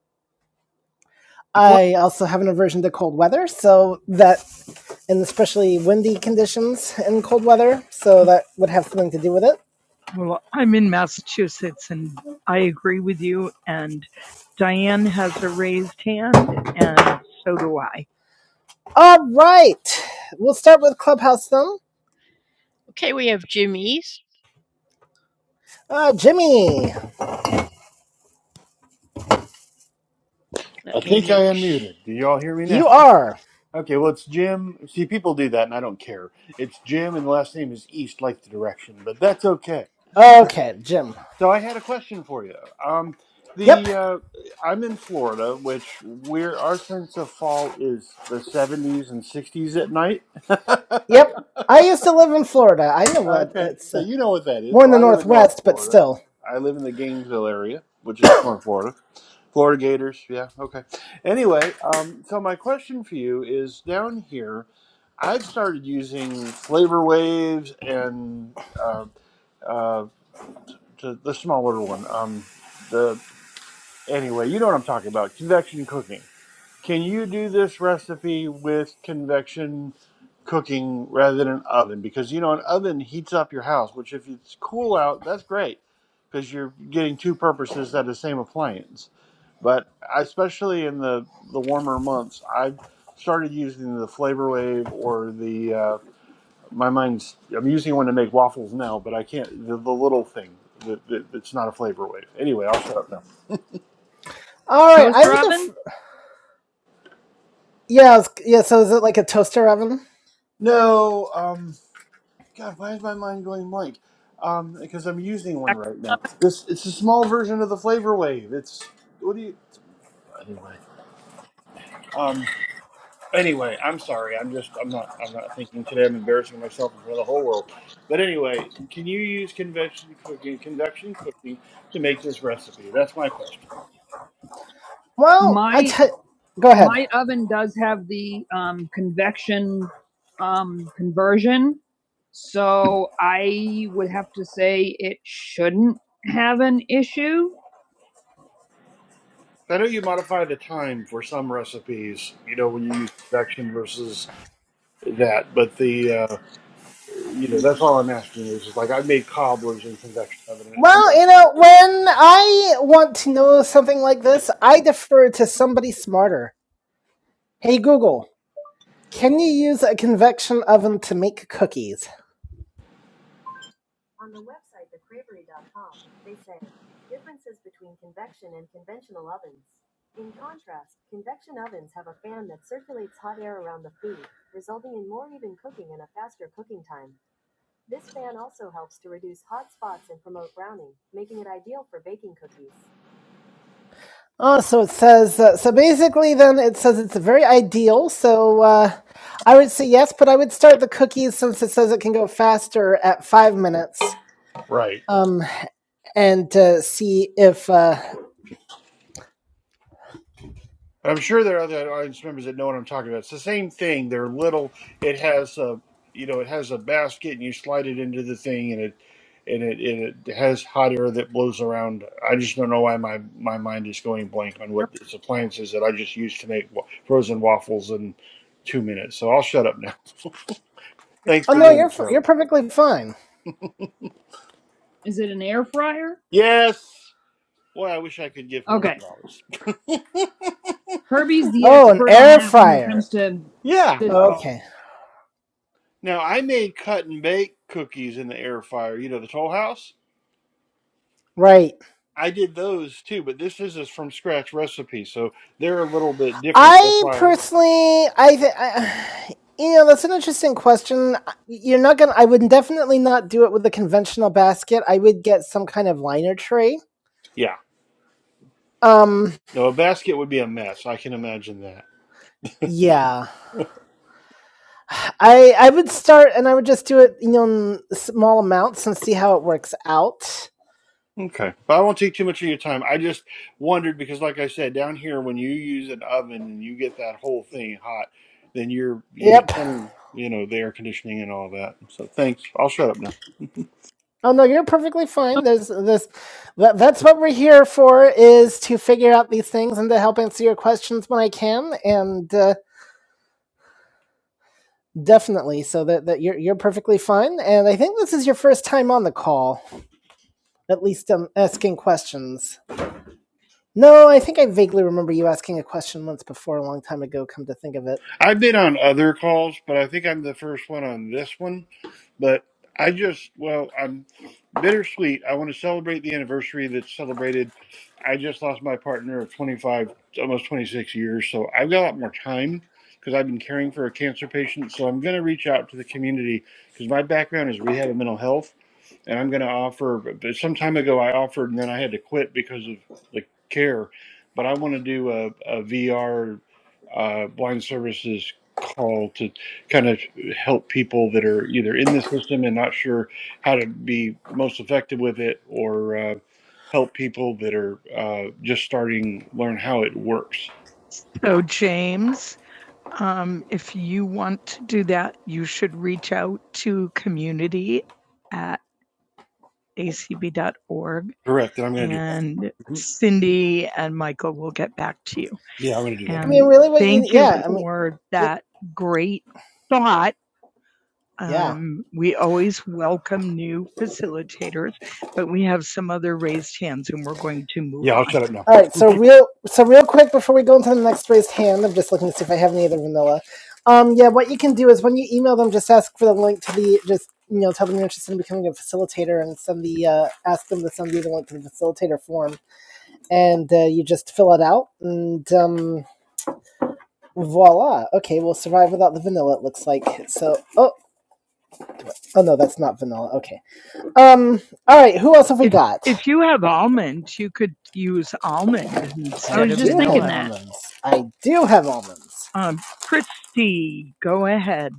[SPEAKER 1] I also have an aversion to cold weather, so that, and especially windy conditions in cold weather, so that would have something to do with it. Well, I'm in Massachusetts and I agree with you. And Diane has a raised hand, and so do I. All right, we'll start with Clubhouse then. Okay, we have Jimmy's. Uh, Jimmy,
[SPEAKER 3] I
[SPEAKER 1] Let me
[SPEAKER 3] think I
[SPEAKER 1] make sh-
[SPEAKER 3] unmuted. Do y'all hear me now?
[SPEAKER 1] you are.
[SPEAKER 3] Okay, well, it's Jim. See, people do that, and I don't care. It's Jim, and the last name is East, like the direction, but that's okay.
[SPEAKER 1] Okay, Jim.
[SPEAKER 3] So I had a question for you. Um,
[SPEAKER 1] Yep,
[SPEAKER 3] the uh, I'm in Florida, which we're our sense of fall is the 70s and 60s at night.
[SPEAKER 1] yep. I used to live in Florida. I know what
[SPEAKER 3] okay,
[SPEAKER 1] it's. Uh,
[SPEAKER 3] so you know what that is.
[SPEAKER 1] More in
[SPEAKER 3] Well,
[SPEAKER 1] the
[SPEAKER 3] I live in North
[SPEAKER 1] northwest, but
[SPEAKER 3] Florida.
[SPEAKER 1] still.
[SPEAKER 3] I live in the Gainesville area, which is North Florida. Florida Gators, yeah, okay. Anyway, um, so my question for you is down here I've started using Flavor Waves and uh, uh, the, the smaller one. Um, the anyway, you know what I'm talking about. Convection cooking. Can you do this recipe with convection cooking rather than an oven? Because you know an oven heats up your house, which if it's cool out, that's great because you're getting two purposes out of the same appliance. But I- especially in the the warmer months, I started using the Flavor Wave or the uh, my mind's i'm using one to make waffles now but i can't the, the little thing that that it's not a flavor wave anyway i'll shut up now
[SPEAKER 1] All right. I Toaster would def- oven? F- yeah. it's- Yeah. So is it like a toaster oven?
[SPEAKER 3] no um god why is my mind going blank um because i'm using one right now this it's a small version of the flavor wave it's what do you anyway um anyway i'm sorry i'm just i'm not i'm not thinking today i'm embarrassing myself in front of the whole world but anyway can you use convection cooking convection cooking to make this recipe that's my question
[SPEAKER 1] Well, my- I t- go ahead. My oven does have the um, convection um, conversion, so I would have to say it shouldn't have an issue.
[SPEAKER 3] I know you modify the time for some recipes, you know, when you use convection versus that, but the, uh, you know, that's all I'm asking is, is like I made cobblers in convection oven and it turned
[SPEAKER 1] Well,
[SPEAKER 3] out
[SPEAKER 1] you
[SPEAKER 3] pretty
[SPEAKER 1] know,
[SPEAKER 3] good.
[SPEAKER 1] when I want to know something like this, I defer to somebody smarter. Hey Google, can you use a convection oven to make cookies? Oh, so it says, uh, so basically then it says it's very ideal. So uh, I would say yes, but I would start the cookies since it says it can go faster at five minutes
[SPEAKER 3] Right.
[SPEAKER 1] um, and uh, see if, uh,
[SPEAKER 3] I'm sure there are other audience members that know what I'm talking about. It's the same thing. They're little. It has a, you know, it has a basket, and you slide it into the thing, and it, and it, and it has hot air that blows around. I just don't know why my my mind is going blank on what this appliance is that I just used to make wa- frozen waffles in two minutes. So I'll shut up now. Thanks
[SPEAKER 1] oh no,
[SPEAKER 3] for doing
[SPEAKER 1] you're,
[SPEAKER 3] the show.
[SPEAKER 1] you're perfectly fine. Is it an air fryer?
[SPEAKER 3] Yes. Boy, I wish I could give her a hundred
[SPEAKER 1] Okay.
[SPEAKER 3] dollars.
[SPEAKER 1] Herbie's the Oh, an expert on air that when it fryer. comes to
[SPEAKER 3] Yeah.
[SPEAKER 1] this call. Okay, ball.
[SPEAKER 3] Now I made cut and bake cookies in the air fryer. You know the Toll House.
[SPEAKER 1] right.
[SPEAKER 3] I did those too, but this is a from scratch recipe, so they're a little bit different. That's
[SPEAKER 1] I
[SPEAKER 3] why. I-
[SPEAKER 1] personally, I, th- I, you know, that's an interesting question. You're not gonna. I would definitely not do it with the conventional basket. I would get some kind of liner tray.
[SPEAKER 3] Yeah.
[SPEAKER 1] Um,
[SPEAKER 3] No, a basket would be a mess. I can imagine that.
[SPEAKER 1] yeah. I I would start and I would just do it, you know, in small amounts and see how it works out.
[SPEAKER 3] Okay. But I won't take too much of your time. I just wondered because, like I said, down here, when you use an oven and you get that whole thing hot, then you're, you
[SPEAKER 1] Yep.
[SPEAKER 3] spending, you know, the air conditioning and all that. So thanks. I'll shut up now.
[SPEAKER 1] Oh no, you're perfectly fine. There's this. That, that's what we're here for is to figure out these things and to help answer your questions when I can. And uh, Definitely. So that, that you're you're perfectly fine, and I think this is your first time on the call, at least um, asking questions. No, I think I vaguely remember you asking a question once before, a long time ago. Come to think of it,
[SPEAKER 3] I've been on other calls, but I think I'm the first one on this one. But I just, well, I'm bittersweet. I want to celebrate the anniversary that's celebrated. I just lost my partner of 25, almost 26 years. So I've got a lot more time because I've been caring for a cancer patient. So I'm going to reach out to the community because my background is rehab and mental health and I'm going to offer. But some time ago, I offered, and then I had to quit because of the care. But I want to do a, VR uh, blind services call to kind of help people that are either in the system and not sure how to be most effective with it, or uh, help people that are uh, just starting learn how it works.
[SPEAKER 1] So, James, um, if you want to do that, you should reach out to community at. acb.org,
[SPEAKER 3] Correct, and I'm going to do that.
[SPEAKER 1] and
[SPEAKER 3] Mhm.
[SPEAKER 1] Cindy and Michael will get back to you.
[SPEAKER 3] Yeah, I'm going to do
[SPEAKER 1] And I
[SPEAKER 3] that.
[SPEAKER 1] mean, really, what thank you you yeah, for I mean, for it- that great thought yeah. Um, we always welcome new facilitators, but we have some other raised hands and we're going to move
[SPEAKER 3] Yeah, I'll
[SPEAKER 1] on.
[SPEAKER 3] shut up now.
[SPEAKER 1] All right. So real. So real quick before we go into the next raised hand, I'm just looking to see if I have any other vanilla. Um. Yeah. What you can do is when you email them, just ask for the link to the just you know tell them you're interested in becoming a facilitator and send the uh, ask them to send you the link to the facilitator form, and uh, you just fill it out and um. Voila. Okay, we'll survive without the vanilla. It looks like. So, oh, oh no, that's not vanilla. Okay. Um. All right. Who else have we if, got? If you have almonds, you could use almonds instead I was just thinking that. almonds. I do have almonds. um, Christy. Go ahead.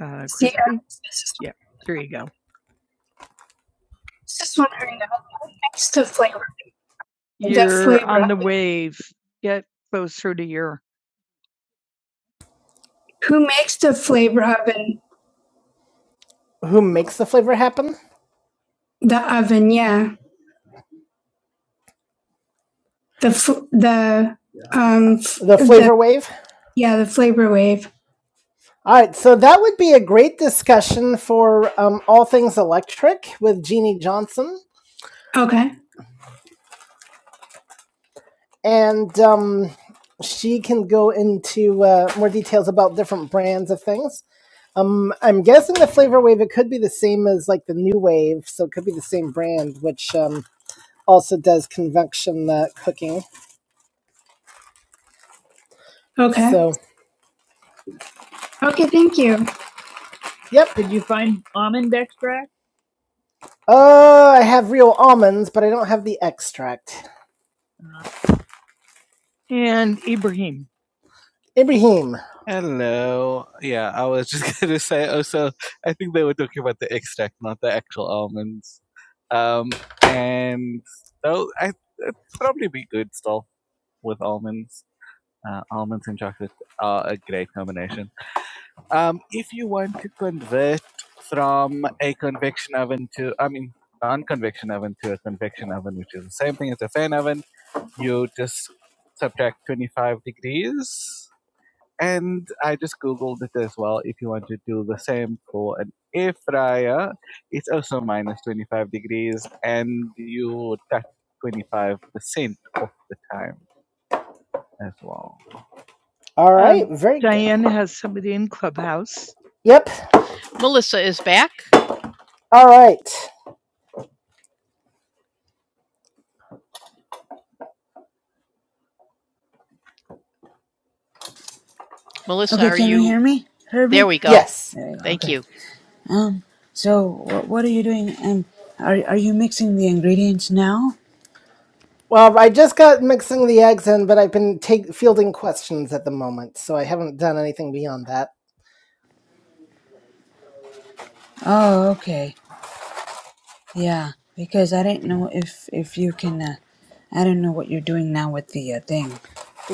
[SPEAKER 1] Uh, yeah, there you go. You're on the wave. Get closer to your. Who makes the flavor happen. Who makes the flavor happen? The oven, yeah. Um, The wave. All right. So that would be a great discussion for um, all things electric with Jeannie Johnson. Okay. and um, she can go into uh, more details about different brands of things. Um, I'm guessing the flavor wave it could be the same as like the new wave, so it could be the same brand, which um, also does convection uh, cooking. Okay. So, yep. Did you find almond extract? Oh, Uh, I have real almonds, but I don't have the extract. And Ibrahim. Ibrahim. All right, Um, very Diane good. Diane has somebody in Clubhouse. Yep. Melissa is back. All right. Melissa,
[SPEAKER 2] Okay,
[SPEAKER 1] are
[SPEAKER 2] can you
[SPEAKER 1] you?
[SPEAKER 2] hear me,
[SPEAKER 1] There
[SPEAKER 2] Herbie?
[SPEAKER 1] we go. Yes.
[SPEAKER 2] There you go.
[SPEAKER 1] Thank
[SPEAKER 2] Okay.
[SPEAKER 1] you.
[SPEAKER 2] Um. So wh- what are you doing? Um. Are are you mixing the ingredients now?
[SPEAKER 1] Well, I just got mixing the eggs in, but I've been take, fielding questions at the moment, so I haven't done anything beyond that.
[SPEAKER 2] Oh, okay. Yeah. Because I didn't know if if you can. Uh, I don't know what you're doing now with the uh, thing.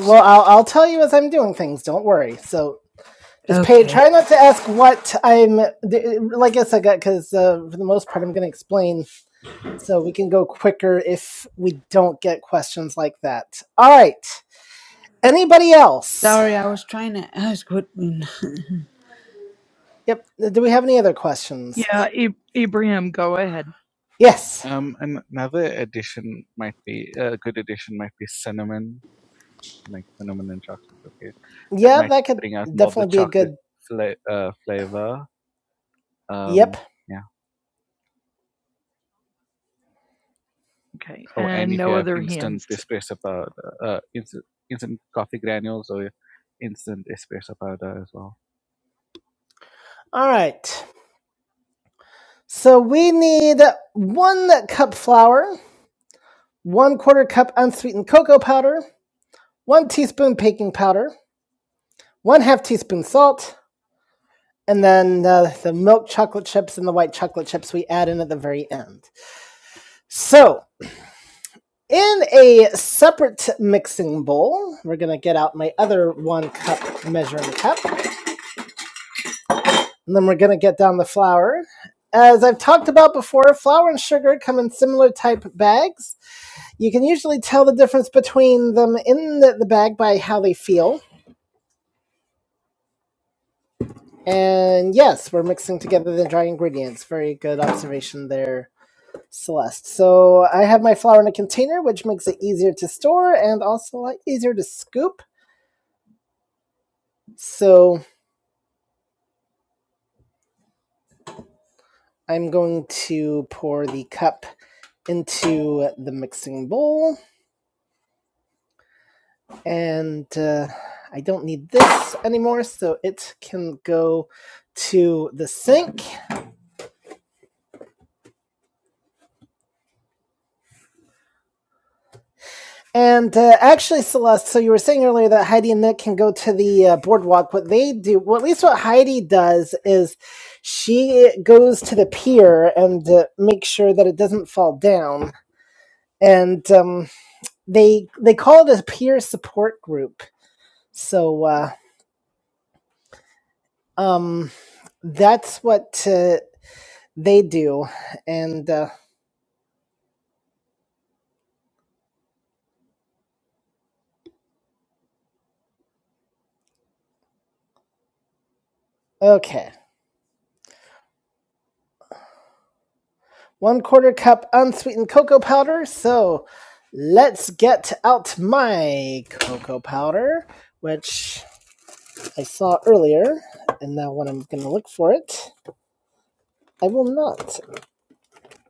[SPEAKER 2] So,
[SPEAKER 1] I'll, I'll tell you as I'm doing things. Don't worry. So just pay.
[SPEAKER 2] Okay.
[SPEAKER 1] Try not to ask what I'm like. I said, because uh, for the most part, I'm going to explain, so we can go quicker if we don't get questions like that. All right. Anybody else?
[SPEAKER 2] Sorry, I was trying to ask what.
[SPEAKER 1] Yep. Do we have any other questions? Yeah, I- Ibrahim, go ahead. Yes. Yeah. Okay. All right. So we need one cup flour, one quarter cup unsweetened cocoa powder, one teaspoon baking powder, one half teaspoon salt, and then uh, the milk chocolate chips and the white chocolate chips we add in at the very end. So in a separate mixing bowl, we're going to get out my other one cup measuring cup. And then we're going to get down the flour. As I've talked about before, flour and sugar come in similar type bags. You can usually tell the difference between them in the, the bag by how they feel. And yes, we're mixing together the dry ingredients. Very good observation there, Celeste. So I have my flour in a container, which makes it easier to store and also a lot easier to scoop. So I'm going to pour the cup into the mixing bowl and uh, I don't need this anymore, so it can go to the sink. And uh, actually, Celeste, so you were saying earlier that Heidi and Nick can go to the uh, boardwalk. What they do, well, at least what Heidi does, is she goes to the pier and uh, makes sure that it doesn't fall down. And um, they they call it a peer support group. So uh, um, that's what uh, they do. And uh, okay. one quarter cup unsweetened cocoa powder. So let's get out my cocoa powder, which I saw earlier, and now when I'm gonna look for it, I will not.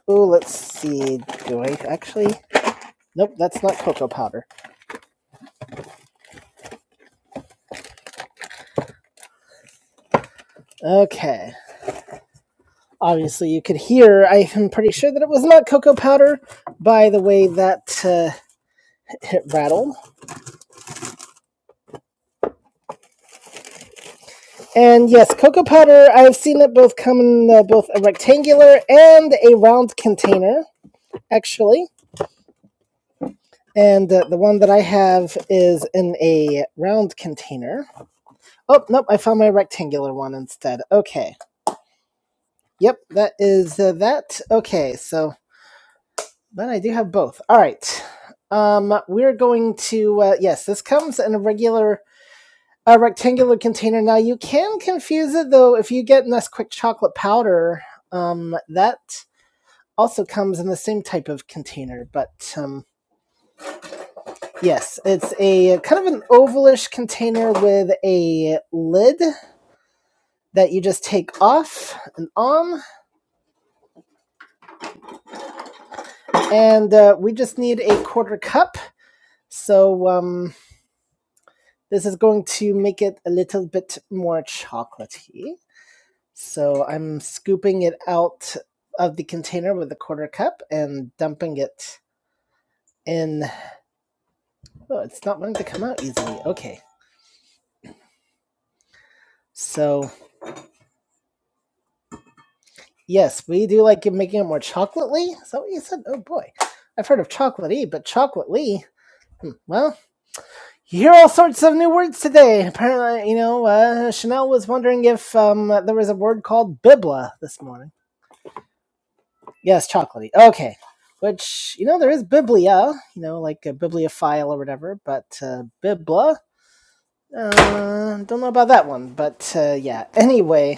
[SPEAKER 1] Oh, let's see. Do I actually? Nope, that's not cocoa powder. Okay. Obviously, you could hear, I am pretty sure that it was not cocoa powder by the way that uh, it rattled. And yes, cocoa powder, I have seen it both come in uh, both a rectangular and a round container, actually. And uh, the one that I have is in a round container. Oh, nope, I found my rectangular one instead. Okay. Yep, that is uh, that. Okay, so, but I do have both. All right. Um, we're going to, uh, yes, this comes in a regular a rectangular container. Now you can confuse it though if you get Nesquik chocolate powder. Um, that also comes in the same type of container, but um, yes, it's a kind of an ovalish container with a lid that you just take off and on, and uh, we just need a quarter cup. So um, this is going to make it a little bit more chocolatey. So I'm scooping it out of the container with a quarter cup and dumping it in. Oh, it's not wanting to come out easily. Okay, so Yes, we do like making it more chocolatey. Is that what you said? Oh boy, I've heard of chocolatey, but chocolatey. Hmm, well, you hear all sorts of new words today. Apparently, you know, uh, Chanel was wondering if um, there was a word called bibla this morning. Yes, chocolatey. Okay, which you know there is biblia, you know, like a bibliophile or whatever, but uh, bibla. Uh, don't know about that one, but uh, yeah. Anyway,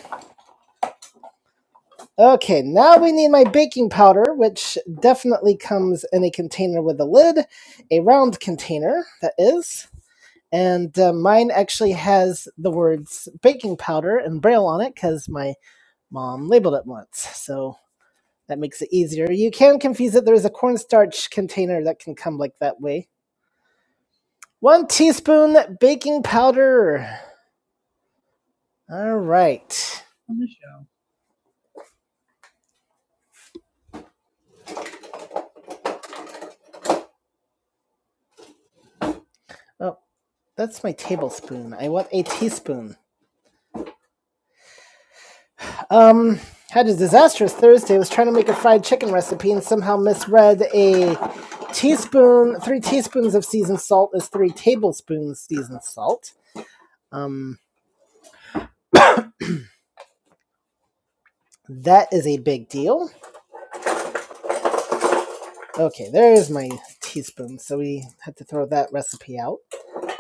[SPEAKER 1] Okay, now we need my baking powder, which definitely comes in a container with a lid, a round container, that is. And uh, mine actually has the words baking powder in braille on it because my mom labeled it once. So that makes it easier. You can confuse it. There's a cornstarch container that can come like that way. One teaspoon baking powder. All right. Oh, that's my tablespoon. I want a teaspoon. Um, had a disastrous Thursday. Was trying to make a fried chicken recipe and somehow misread a teaspoon, three teaspoons of seasoned salt is three tablespoons seasoned salt. Um, that is a big deal. Okay, there is my teaspoon. So we had to throw that recipe out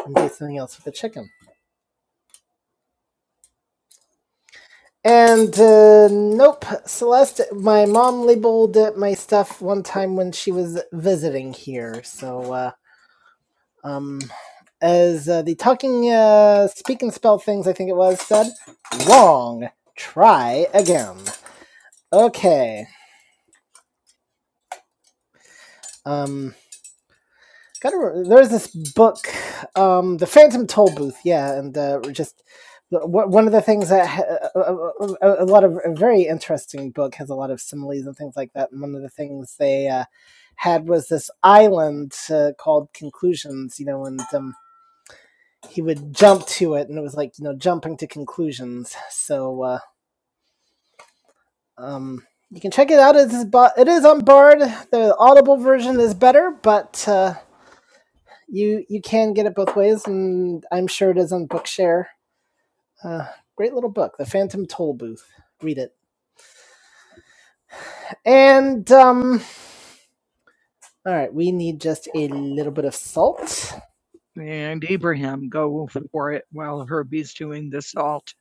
[SPEAKER 1] and do something else with the chicken. And uh, nope, Celeste, my mom labeled uh, my stuff one time when she was visiting here. So uh, Um, as uh, the talking uh, speak and spell things, I think it was, said, wrong. Try again. Okay. Um, gotta re- there's this book, um, The Phantom Toll Booth, yeah, and uh, just one of the things that a, a lot of a very interesting book has a lot of similes and things like that. And one of the things they uh, had was this island uh, called Conclusions, you know, and um, he would jump to it, and it was like you know jumping to conclusions. So uh, um, you can check it out. It is it is on Bard. The Audible version is better, but uh, you you can get it both ways, and I'm sure it is on Bookshare. Uh, great little book, The Phantom Toll Booth. Read it. And um, all right, we need just a little bit of salt. And Abraham, go for it while Herbie's doing the salt.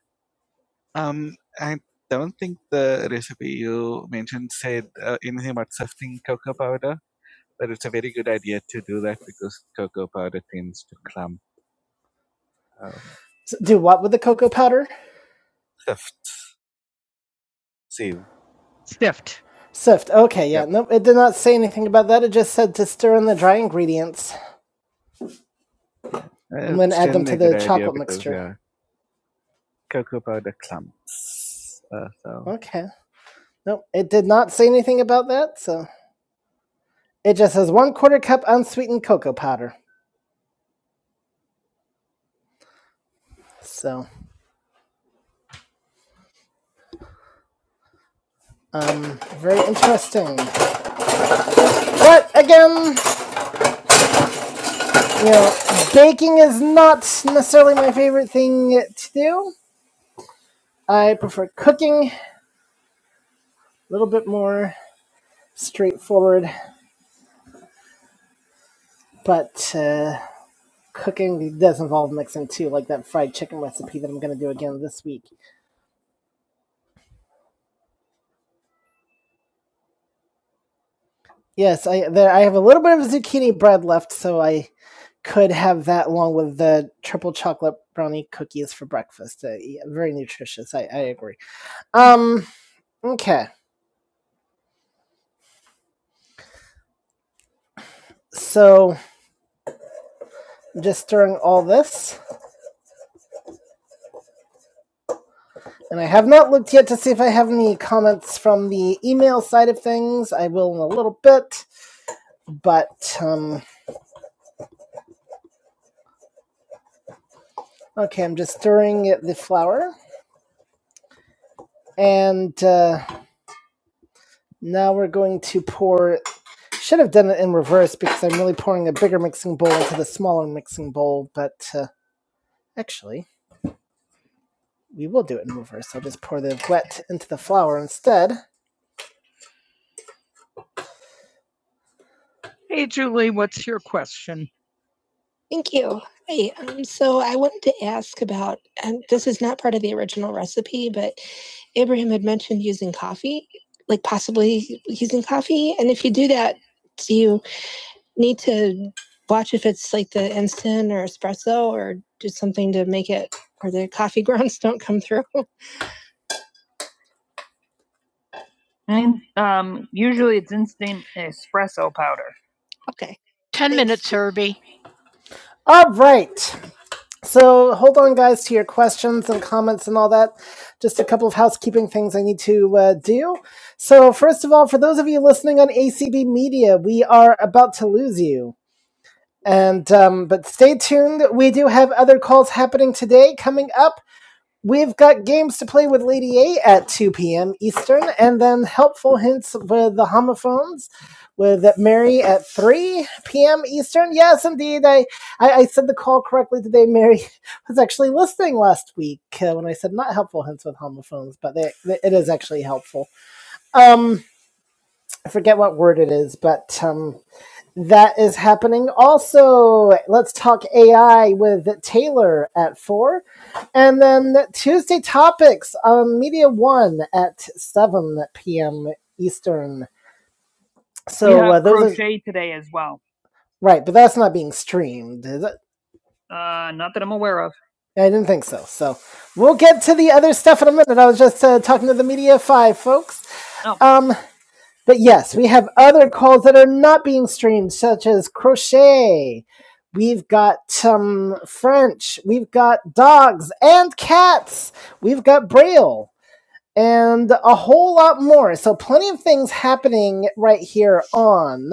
[SPEAKER 1] S- Do what with the cocoa powder? Sift. Sift. Okay, Nope, it did not say anything about that. It just said to stir in the dry ingredients. Okay. Nope, it did not say anything about that. So it just says one quarter cup unsweetened cocoa powder. So, um, very interesting. But again, you know, baking is not necessarily my favorite thing to do. I prefer cooking, a little bit more straightforward, but uh, cooking does involve mixing too, like that fried chicken recipe that I'm going to do again this week. Yes, I there I have a little bit of zucchini bread left, so I could have that along with the triple chocolate brownie cookies for breakfast. Uh, yeah, very nutritious. I, I agree. Um. Okay. So just stirring all this, and I have not looked yet to see if I have any comments from the email side of things. I will in a little bit, but um. Okay, I'm just stirring the flour, and uh, now we're going to pour Should have done it in reverse because I'm really pouring a bigger mixing bowl into the smaller mixing bowl, but uh, actually, we will do it in reverse. I'll just pour the wet into the flour instead. Hey, Julie, what's your question? Hey, so I asked you um, usually it's instant espresso powder. Ten Serby. All right. So hold on, guys, to your questions and comments and all that. Just a couple of housekeeping things I need to uh, do. So first of all, for those of you listening on ACB Media, we are about to lose you. And um, but stay tuned. We do have other calls happening today coming up. We've got games to play with Lady A at 2 p.m. Eastern, and then helpful hints with the homophones with Mary at 3 p.m. Eastern. Yes, indeed. I, I, I said the call correctly today. Mary was actually listening last week uh, when I said not helpful hints with homophones, but they, they- it is actually helpful. Um, I forget what word it is, but um, that is happening. Also, let's talk AI with Taylor at four, and then Tuesday topics on Media One at seven p.m. Eastern. We So we have uh, those crochet are today as well. right, but that's not being streamed, is it? Uh, not that I'm aware of. I didn't think so. So we'll get to the other stuff in a minute. I was just uh, talking to the Media Five folks. Oh. Um, but yes, we have other calls that are not being streamed, such as crochet. We've got um, French. We've got dogs and cats. We've got Braille and a whole lot more. So, plenty of things happening right here on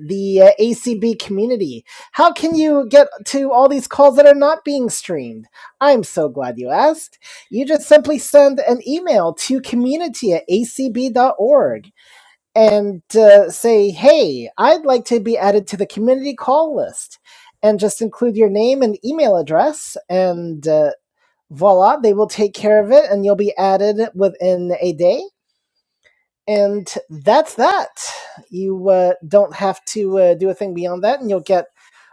[SPEAKER 1] the uh, ACB community. How can you get to all these calls that are not being streamed? I'm so glad you asked. You just simply send an email to community at acb dot org and uh, say, hey, I'd like to be added to the community call list, and just include your name and email address, and uh, voila, they will take care of it, and you'll be added within a day. And that's that. You uh, don't have to uh, do a thing beyond that, and you'll get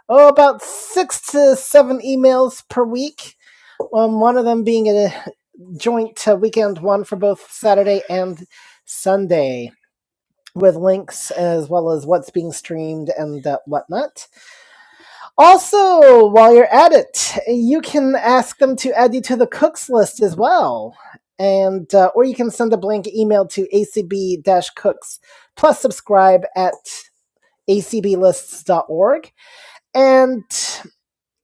[SPEAKER 1] oh about six to seven emails per week. Um, one of them being a joint uh, weekend one for both Saturday and Sunday with links as well as what's being streamed and uh, whatnot. Also, while you're at it, you can ask them to add you to the cooks list as well. And uh, or you can send a blank email to acb-cooks plus subscribe at acblists.org and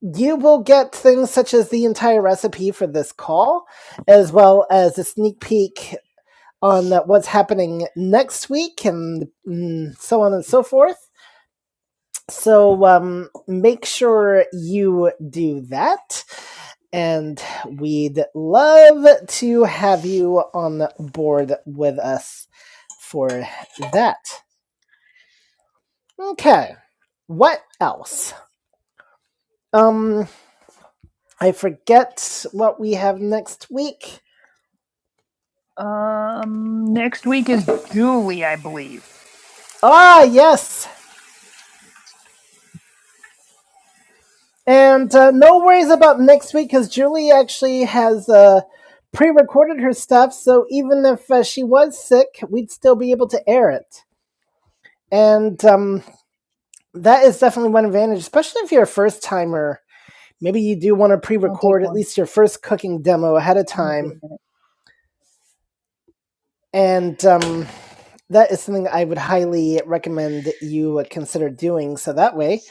[SPEAKER 1] you will get things such as the entire recipe for this call as well as a sneak peek on uh, what's happening next week and mm, so on and so forth. So um, make sure you do that. And we'd love to have you on board with us for that. Okay. What else? Um, I forget what we have next week. Um, next week is Julie, I believe. Ah, yes. And uh, no worries about next week because Julie actually has uh, pre recorded her stuff. So even if uh, she was sick, we'd still be able to air it. And um, that is definitely one advantage, especially if you're a first timer. Maybe you do want to pre record at least your first cooking demo ahead of time. And um, that is something I would highly recommend that you uh, consider doing. So that way,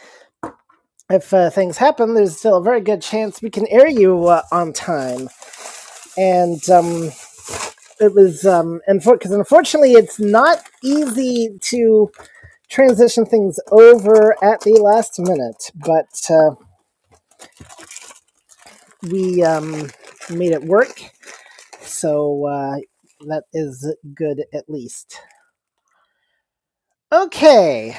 [SPEAKER 1] if uh, things happen, there's still a very good chance we can air you uh, on time. And um, it was um and for because unfortunately it's not easy to transition things over at the last minute but uh, we um made it work so uh that is good at least okay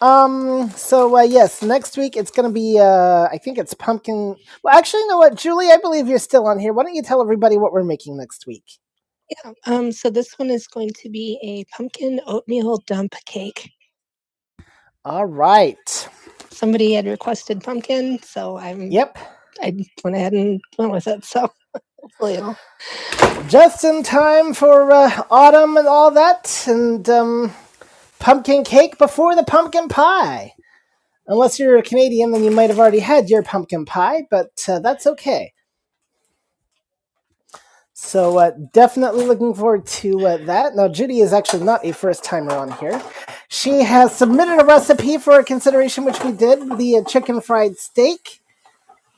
[SPEAKER 1] um so uh yes next week it's gonna be uh i think it's pumpkin well actually you know what julie i believe you're still on here why don't you tell everybody what we're making next week all right Mm. yep Just in time for uh, autumn and all that, and um, pumpkin cake before the pumpkin pie. Unless you're a Canadian, then you might have already had your pumpkin pie, but uh, that's okay. So, uh, definitely looking forward to uh, that. Now, Judy is actually not a first timer on here. She has submitted a recipe for consideration, which we did the uh, chicken fried steak.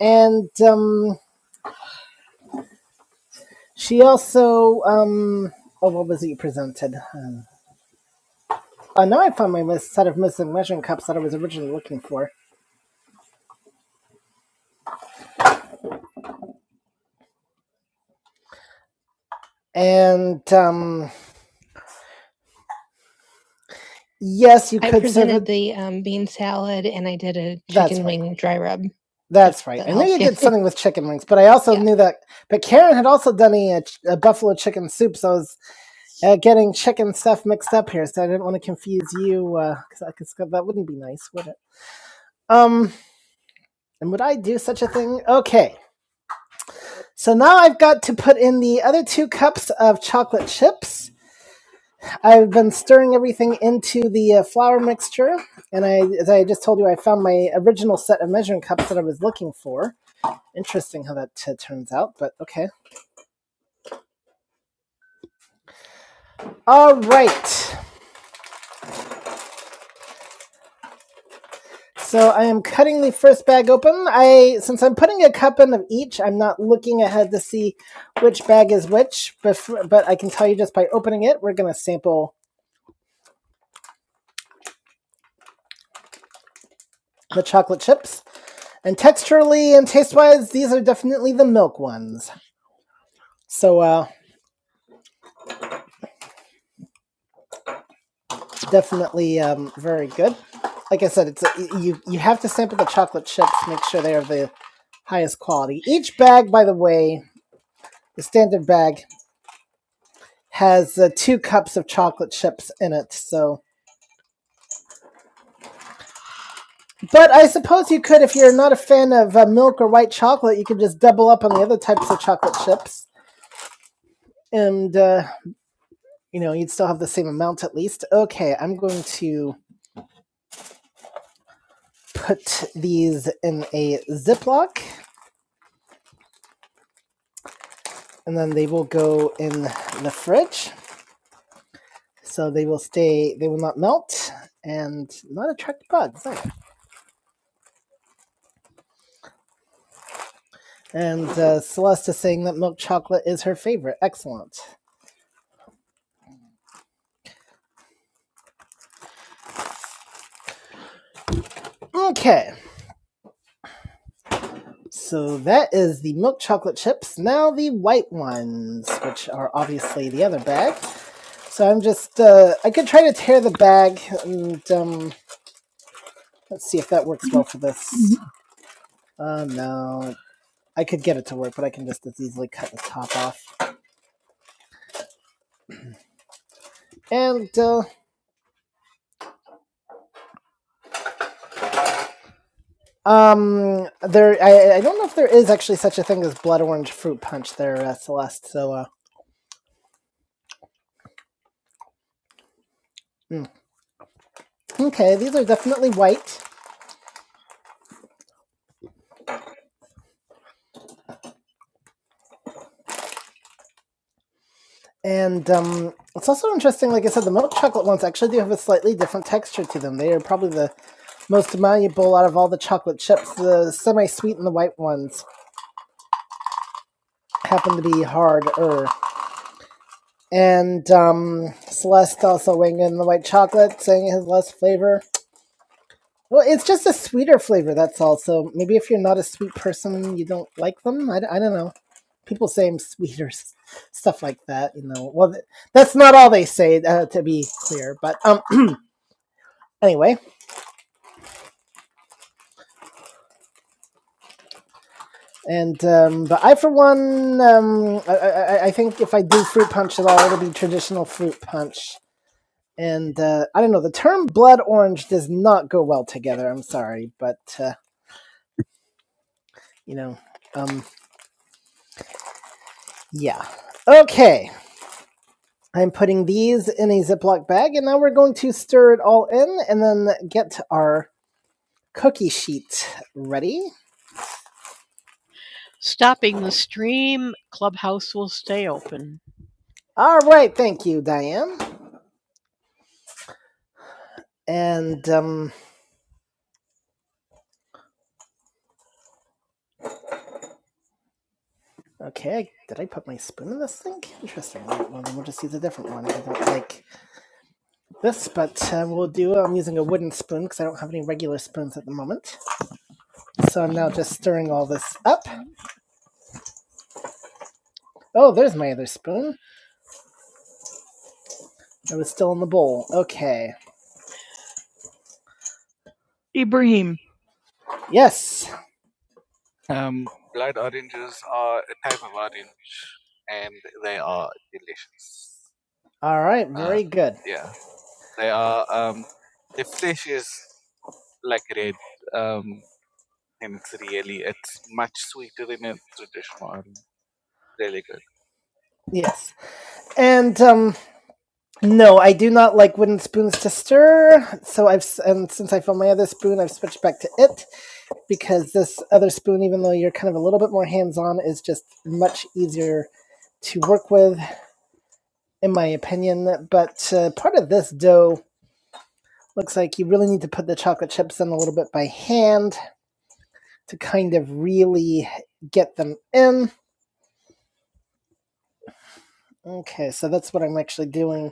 [SPEAKER 1] And um, she also, um, oh, what was it you presented? Um, Uh, now I found my set of missing measuring cups that I was originally looking for. And um, yes, you that something with chicken wings, but I also knew that. But Karen had also done a, a buffalo chicken soup, so I was uh, getting chicken stuff mixed up here. So I didn't want to confuse you because I that wouldn't be nice, would it? Um, and would I do such a thing? Okay, so now I've got to put in the other two cups of chocolate chips. I've been stirring everything into the uh, flour mixture, and I, as I just told you, I found my original set of measuring cups that I was looking for. Interesting how that uh, turns out, but okay. All right. So I am cutting the first bag open. I, since I'm putting a cup in of each, I'm not looking ahead to see which bag is which. Before, but I can tell you just by opening it, we're gonna sample the chocolate chips. And texturally and taste wise, these are definitely the milk ones. So uh, definitely um, very good. Like I said, it's a, you you have to sample the chocolate chips, make sure they are the highest quality. Each bag, by the way, the standard bag has uh, two cups of chocolate chips in it. So, but I suppose you could, if you're not a fan of uh, milk or white chocolate, you could just double up on the other types of chocolate chips, and uh, you know you'd still have the same amount at least. Okay, I'm going to put these in a Ziploc, and then they will go in the fridge. so they will stay they will not melt and not attract bugs and uh, celeste is saying that milk chocolate is her favorite excellent okay so that is the milk chocolate chips now the white ones which are obviously the other bag so i'm just uh, i could try to tear the bag and um, let's see if that works well for this Oh uh, no i could get it to work but i can just as easily cut the top off and uh, Um, there. I, I don't know if there is actually such a thing as blood orange fruit punch there, uh, Celeste. So, uh, hmm. okay, these are definitely white, and um, it's also interesting. Like I said, the milk chocolate ones actually do have a slightly different texture to them. They are probably the most malleable out of all the chocolate chips. The semi-sweet and the white ones happen to be harder. And um, Celeste also weighing in the white chocolate, saying it has less flavor. Well, it's just a sweeter flavor. That's all. So maybe if you're not a sweet person, you don't like them. I I d- I don't know. People say I'm sweet or stuff like that. You know. Well, that's not all they say. Uh, to be clear, but um, anyway. And um, but I, for one, um, I, I, I I think if I do fruit punch at all, it'll be traditional fruit punch. And uh, I don't know. The term blood orange does not go well together. I'm sorry, but uh, you know. Um, yeah. Okay. I'm putting these in a Ziploc bag, and now we're going to stir it all in and then get our cookie sheet ready. Stopping the stream, Clubhouse will stay open. All right, thank you, Diane. And, um, okay, did I put my spoon in this thing? Interesting. right, Well, then we'll just use a different one. I don't like this, but uh, we'll do, I'm using a wooden spoon because I don't have any regular spoons at the moment. So I'm now just stirring all this up. Oh, there's my other spoon. It was still in the bowl. Okay, Ibrahim. Yes. All right. Good. Yes. And um no, I do not like wooden spoons to stir. So I've and since I found my other spoon, I've switched back to it because this other spoon even though you're kind of a little bit more hands-on is just much easier to work with in my opinion, but uh, part of this dough looks like you really need to put the chocolate chips in a little bit by hand to kind of really get them in. Okay, so that's what I'm actually doing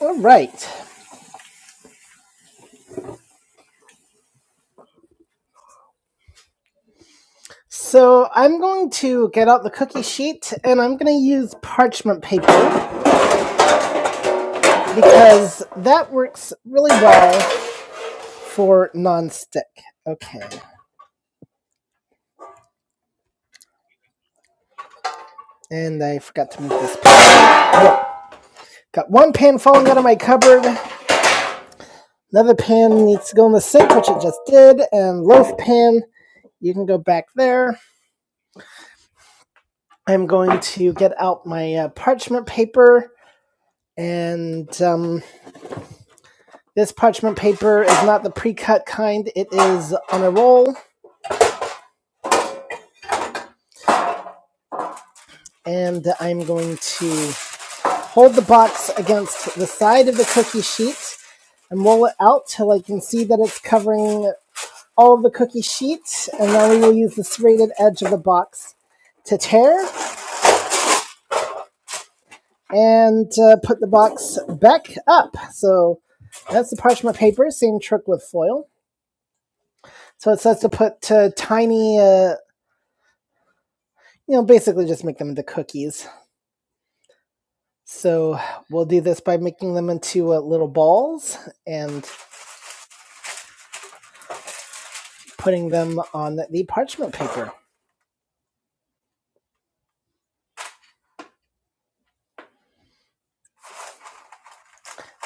[SPEAKER 1] All right. So I'm going to get out the cookie sheet and I'm going to use parchment paper because that works really well for nonstick. Okay. And I forgot to move this. Pan. Got one pan falling out of my cupboard. Another pan needs to go in the sink, which it just did. And loaf pan, you can go back there. I'm going to get out my uh, parchment paper. And um, this parchment paper is not the pre cut kind, it is on a roll and I'm going to hold the box against the side of the cookie sheet and roll it out till I can see that it's covering all of the cookie sheet. And now we will use the serrated edge of the box to tear and uh, put the box back up. So that's the parchment paper, same trick with foil. So it says to put uh, tiny, uh, you know, basically just make them into cookies. So we'll do this by making them into uh, little balls and putting them on the parchment paper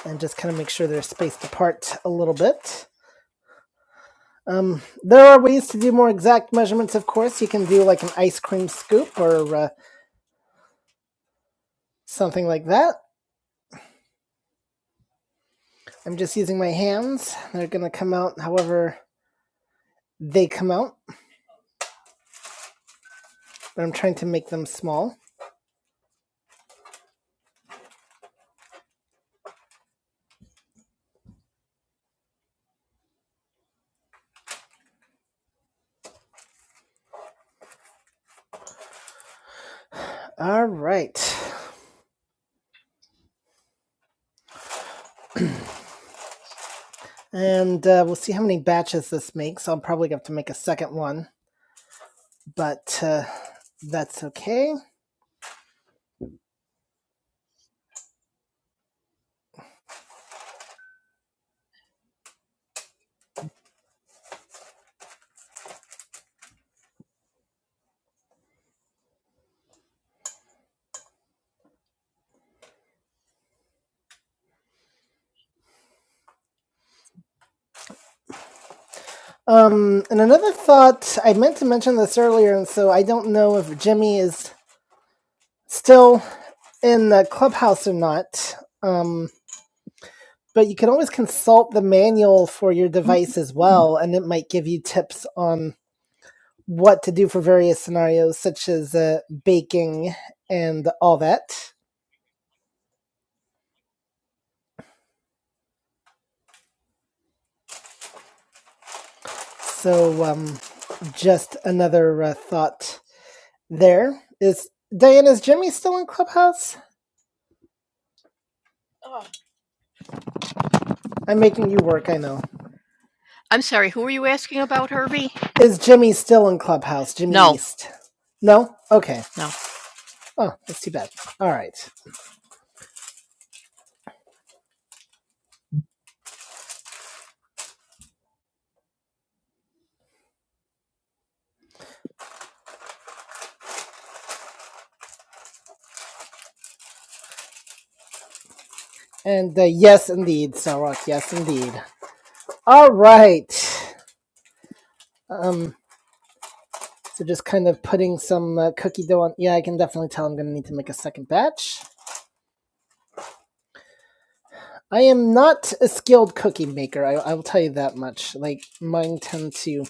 [SPEAKER 1] and just kind of make sure they're spaced apart a little bit. Um, there are ways to do more exact measurements, of course. You can do like an ice cream scoop or uh, something like that. I'm just using my hands. They're going to come out however they come out, but I'm trying to make them small. All right. And uh, we'll see how many batches this makes. I'll probably have to make a second one, but uh, that's okay. Um, and another thought, I meant to mention this earlier, and so I don't know if Jimmy is still in the clubhouse or not. Um, but you can always consult the manual for your device as well, and it might give you tips on what to do for various scenarios, such as uh, baking and all that. So, um, just another uh, thought there is Diane, is Jimmy still in clubhouse? I'm making you work, I know. I'm sorry, who were you asking about, Herbie? Is Jimmy still in Clubhouse? Jimmy No, East? No? Okay. no. Oh, that's too bad. All right. And uh, yes, indeed, Sarok. Yes, indeed. All right. Um. So just kind of putting some uh, cookie dough on. Yeah, I can definitely tell I'm going to need to make a second batch. I am not a skilled cookie maker. I, I will tell you that much. Like mine tend to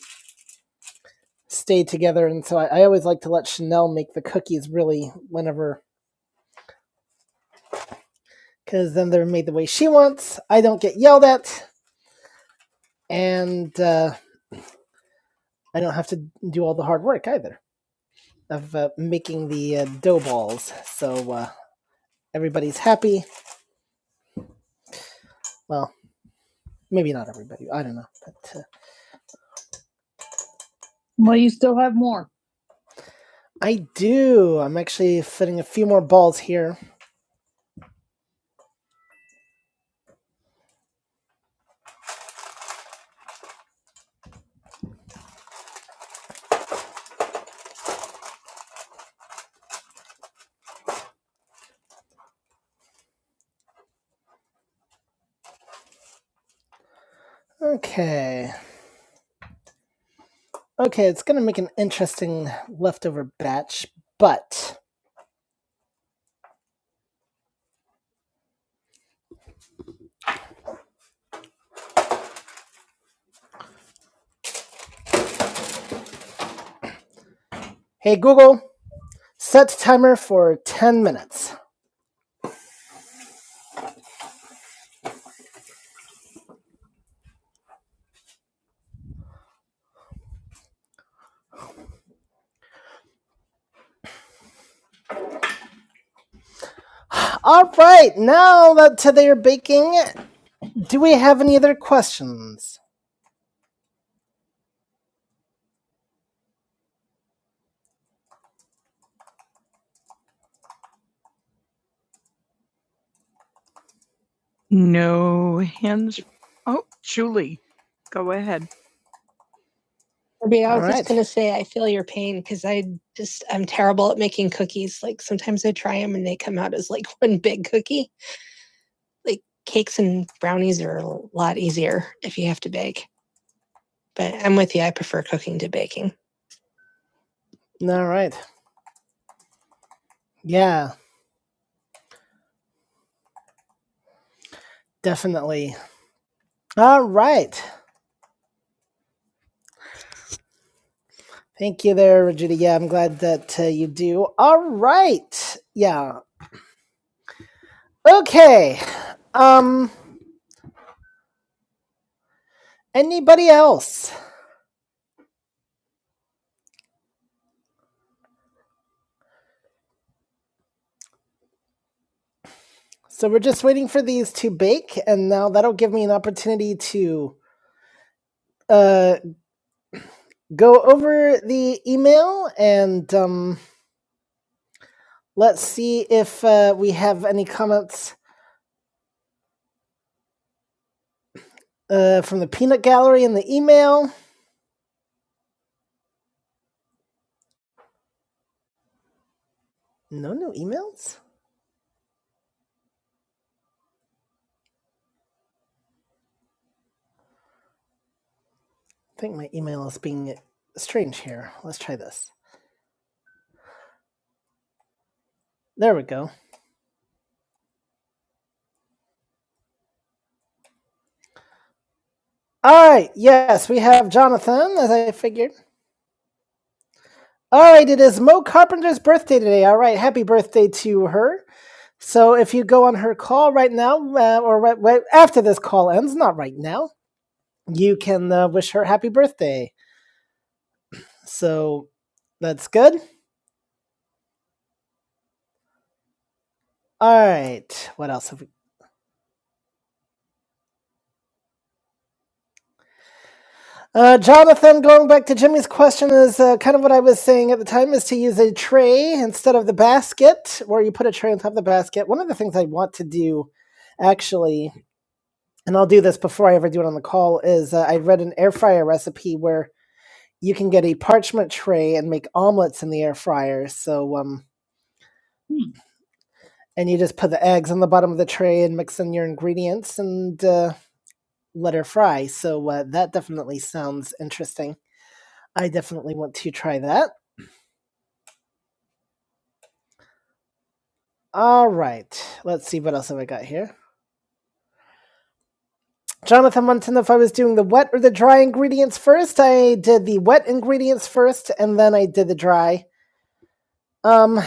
[SPEAKER 1] stay together, and so I, I always like to let Chanel make the cookies. Really, whenever because then they're made the way she wants. I don't get yelled at, and uh, I don't have to do all the hard work either of uh, making the uh, dough balls. So uh, everybody's happy. Well, maybe not everybody. I don't know, but uh, Well, you still have more. I do. I'm actually fitting a few more balls here. Okay, okay, it's gonna make an interesting leftover batch. But hey, Google, set timer for ten minutes. All right, now that they're baking, do we have any other questions? No hands. Oh, Julie, go ahead. All right. Yeah, definitely. All right. Thank you there, Regina. Yeah, I'm glad that uh, you do. All right. Yeah. Okay. Um anybody else? So we're just waiting for these to bake and now that'll give me an opportunity to uh go over the email and um, let's see if uh, we have any comments uh, from the peanut gallery in the email. No new emails? I think my email is being strange here. Let's try this. There we go. All right, yes, we have Jonathan, as I figured. All right, it is Mo Carpenter's birthday today. All right, happy birthday to her. So if you go on her call right now, uh, or right, right after this call ends, not right now, you can uh, wish her happy birthday. So that's good. All right. What else have we? Uh, Jonathan, going back to Jimmy's question, is uh, kind of what I was saying at the time is to use a tray instead of the basket, where you put a tray on top of the basket. One of the things I want to do, actually, and I'll do this before I ever do it on the call, is uh, I read an air fryer recipe where you can get a parchment tray and make omelets in the air fryer. So, um, and you just put the eggs on the bottom of the tray and mix in your ingredients and. Uh, let her fry. So uh, that definitely sounds interesting. I definitely want to try that. All right, let's see what else have I got here. Jonathan wanted to know if I was doing the wet or the dry ingredients first. I did the wet ingredients first, and then I did the dry. Um,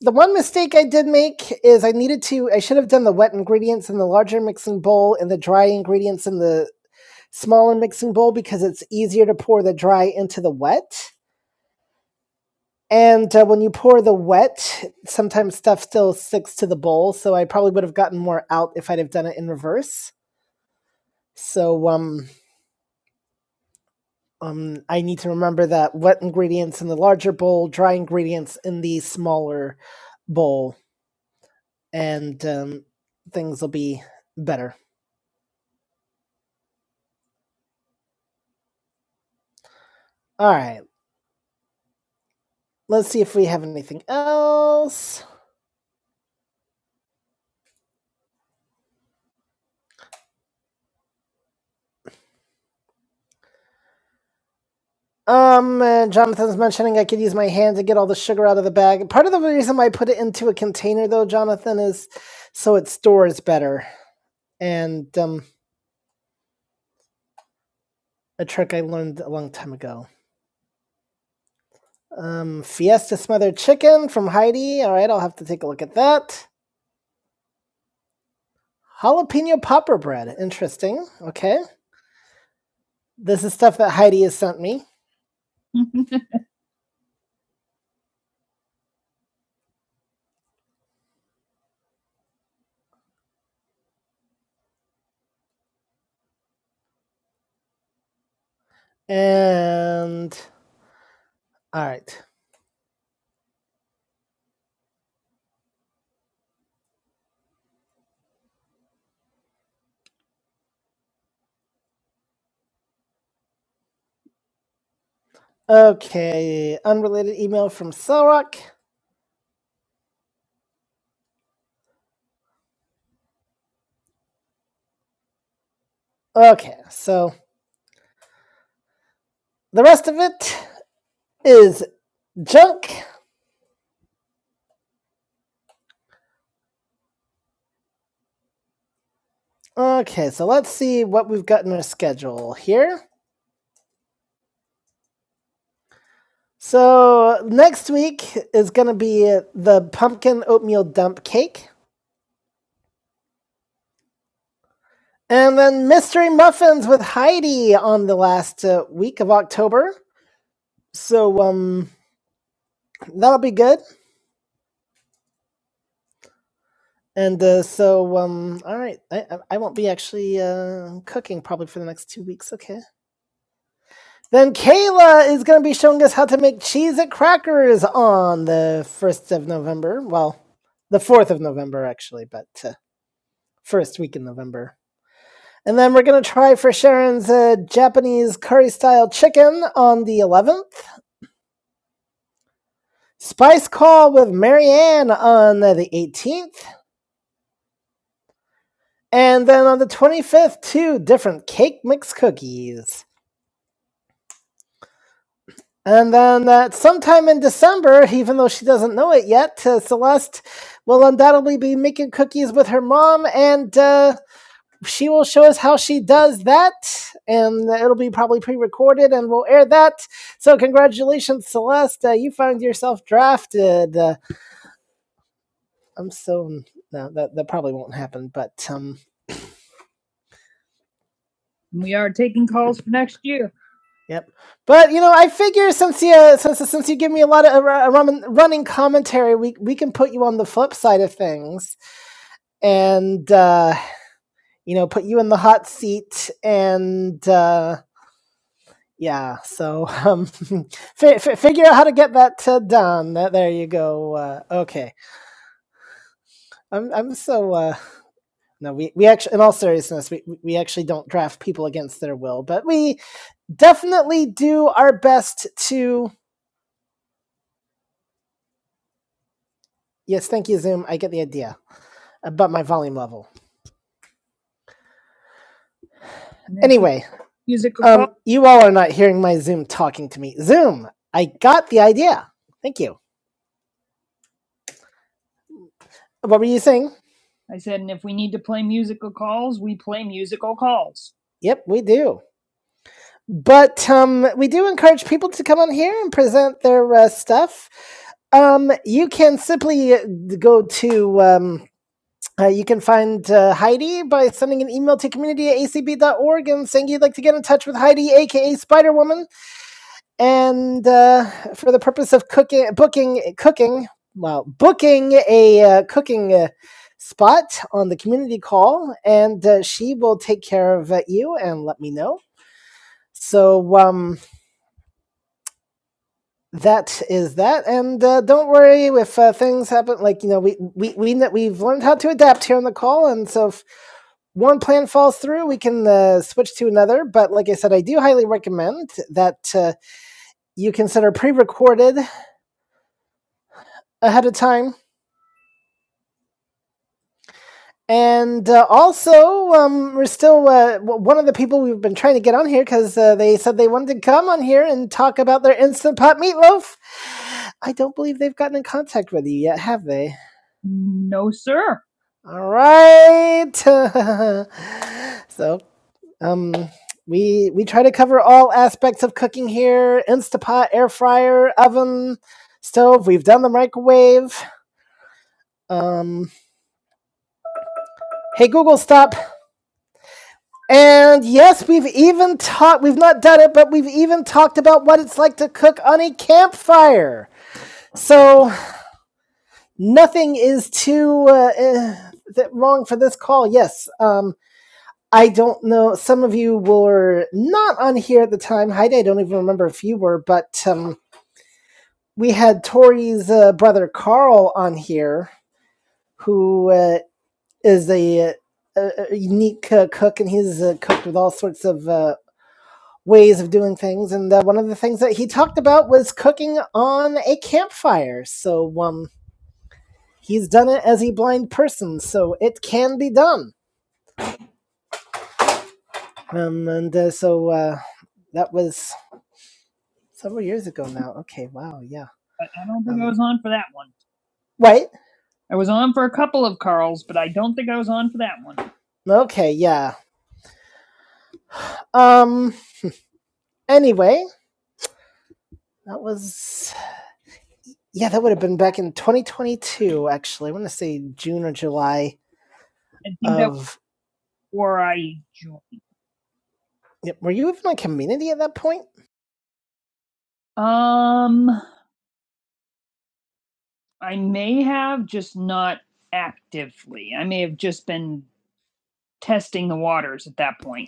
[SPEAKER 1] the one mistake I did make is I needed to. I should have done the wet ingredients in the larger mixing bowl and the dry ingredients in the smaller mixing bowl because it's easier to pour the dry into the wet And uh, when you pour the wet, sometimes stuff still sticks to the bowl. So I probably would have gotten more out if I'd have done it in reverse. So um, um, I need to remember that wet ingredients in the larger bowl, dry ingredients in the smaller bowl, and um, things will be better. All right, let's see if we have anything else. Um, uh, Jonathan's mentioning I could use my hand to get all the sugar out of the bag. Part of the reason why I put it into a container, though, Jonathan, is so it stores better. And um, a trick I learned a long time ago. Um, Fiesta smothered chicken from Heidi. All right, I'll have to take a look at that. Jalapeno popper bread. Interesting. Okay, this is stuff that Heidi has sent me. And all right. Okay. Unrelated email from Selrock. Okay. So the rest of it. is junk. Okay, so let's see what we've got in our schedule here. So next week is going to be the pumpkin oatmeal dump cake. And then mystery muffins with Heidi on the last uh, week of October. So um, that'll be good. And uh, so um, all right, I, I won't be actually uh, cooking probably for the next two weeks. Okay. Then Kayla is going to be showing us how to make cheese at crackers on the 1st of November. Well, the 4th of November, actually, but uh, first week in November. And then we're going to try for Sharon's uh, Japanese curry style chicken on the 11th. Spice call with Marianne on uh, the 18th. And then on the 25th, two different cake mix cookies. And then uh, sometime in December, even though she doesn't know it yet, uh, Celeste will undoubtedly be making cookies with her mom, and uh, she will show us how she does that. And it'll be probably pre recorded, and we'll air that. So, congratulations, Celeste. Uh, you found yourself drafted. Uh, I'm so. No, that, that probably won't happen, but um, We are taking calls for next year. Yep. But you know, I figure since you uh, since since you give me a lot of uh, running commentary, we we can put you on the flip side of things, and uh, you know, put you in the hot seat, and uh, yeah. So um, fi fi figure out how to get that uh, done. There you go. Uh, okay. I'm I'm so uh, no. We we actually, in all seriousness, we we actually don't draft people against their will, but we definitely do our best to. Yes, thank you, Zoom. I get the idea. about my volume level. Anyway, music. um, you all are not hearing my Zoom talking to me. Zoom, I got the idea. Thank you. What were you saying? I said, and if we need to play musical calls, we play musical calls. Yep, we do. But um, we do encourage people to come on here and present their uh, stuff. Um, you can simply uh, go to, um, uh, you can find uh, Heidi by sending an email to community at a c b dot org and saying you'd like to get in touch with Heidi, aka Spider Woman. and uh, for the purpose of cooking, booking, cooking, well, booking a uh, cooking uh, spot on the community call, and uh, she will take care of uh, you and let me know. So um, that is that, and uh, don't worry if uh, things happen. Like you know, we we we we've learned how to adapt here on the call, and so if one plan falls through, we can uh, switch to another. But like I said, I do highly recommend that uh, you consider pre-recorded ahead of time And uh, also, um, we're still uh, one of the people we've been trying to get on here because uh, they said they wanted to come on here and talk about their instant pot meatloaf. I don't believe they've gotten in contact with you yet, have they? No, sir. All right. so, um, we we try to cover all aspects of cooking here: Instapot, air fryer, oven, stove. We've done the microwave. Um, hey Google, stop And yes, we've even talked, we've not done it, but we've even talked about what it's like to cook on a campfire. So nothing is too uh, eh, wrong for this call. Yes, um, I don't know. Some of you were not on here at the time. Heidi, I don't even remember if you were, but um, we had Tori's uh, brother Carl on here, who uh, is a, uh, a, a unique uh, cook, and he's uh, cooked with all sorts of uh, ways of doing things. And uh, one of the things that he talked about was cooking on a campfire. So um, he's done it as a blind person, so it can be done. Um, and uh, so uh, that was several years ago now. Okay, wow, yeah. I, don't think um, I Um, was on for that one. right? I was on for a couple of Carls, but I don't think I was on for that one. Okay, yeah. Um, anyway, that was. Yeah, that would have been back in 2022, actually. I want to say June or July I think of. where I joined. Yep, Were you even on community at that point? Um, I may have just not actively. I may have just been testing the waters at that point.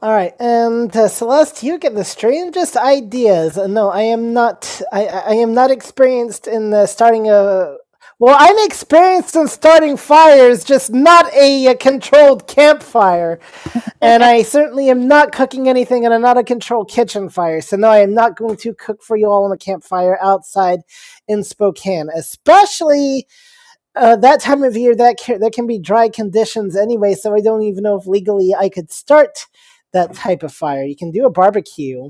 [SPEAKER 1] All right, and uh, Celeste, you get the strangest ideas. Uh, No, I am not. I I am not experienced in uh, starting a. Well, I'm experienced in starting fires, just not a, uh controlled campfire. And I certainly am not cooking anything, and I'm not a controlled kitchen fire. So no, I am not going to cook for you all on a campfire outside in Spokane, especially uh, that time of year that can, that can be dry conditions anyway so i don't even know if legally i could start that type of fire you can do a barbecue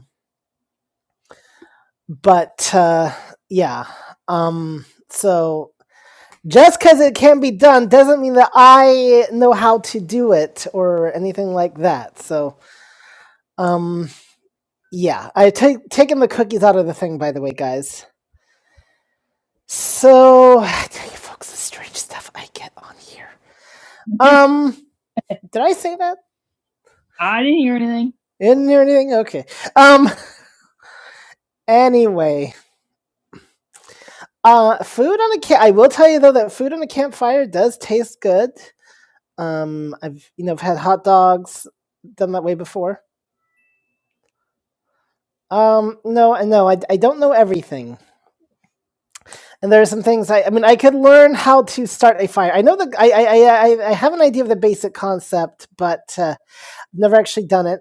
[SPEAKER 1] but uh, yeah um, so just because it can be done doesn't mean that i know how to do it or anything like that so um, yeah i take taking the cookies out of the thing by the way guys so i tell you folks the strange stuff i get on here um did i say that I didn't hear anything. You Didn't hear anything. Okay. Um. Anyway, uh, food on a camp. I will tell you though that food on a campfire does taste good. Um, I've you know I've had hot dogs done that way before. Um, no, and no, I I don't know everything, and there are some things I I mean I could learn how to start a fire. I know the I I I I I have an idea of the basic concept, but uh, I've never actually done it.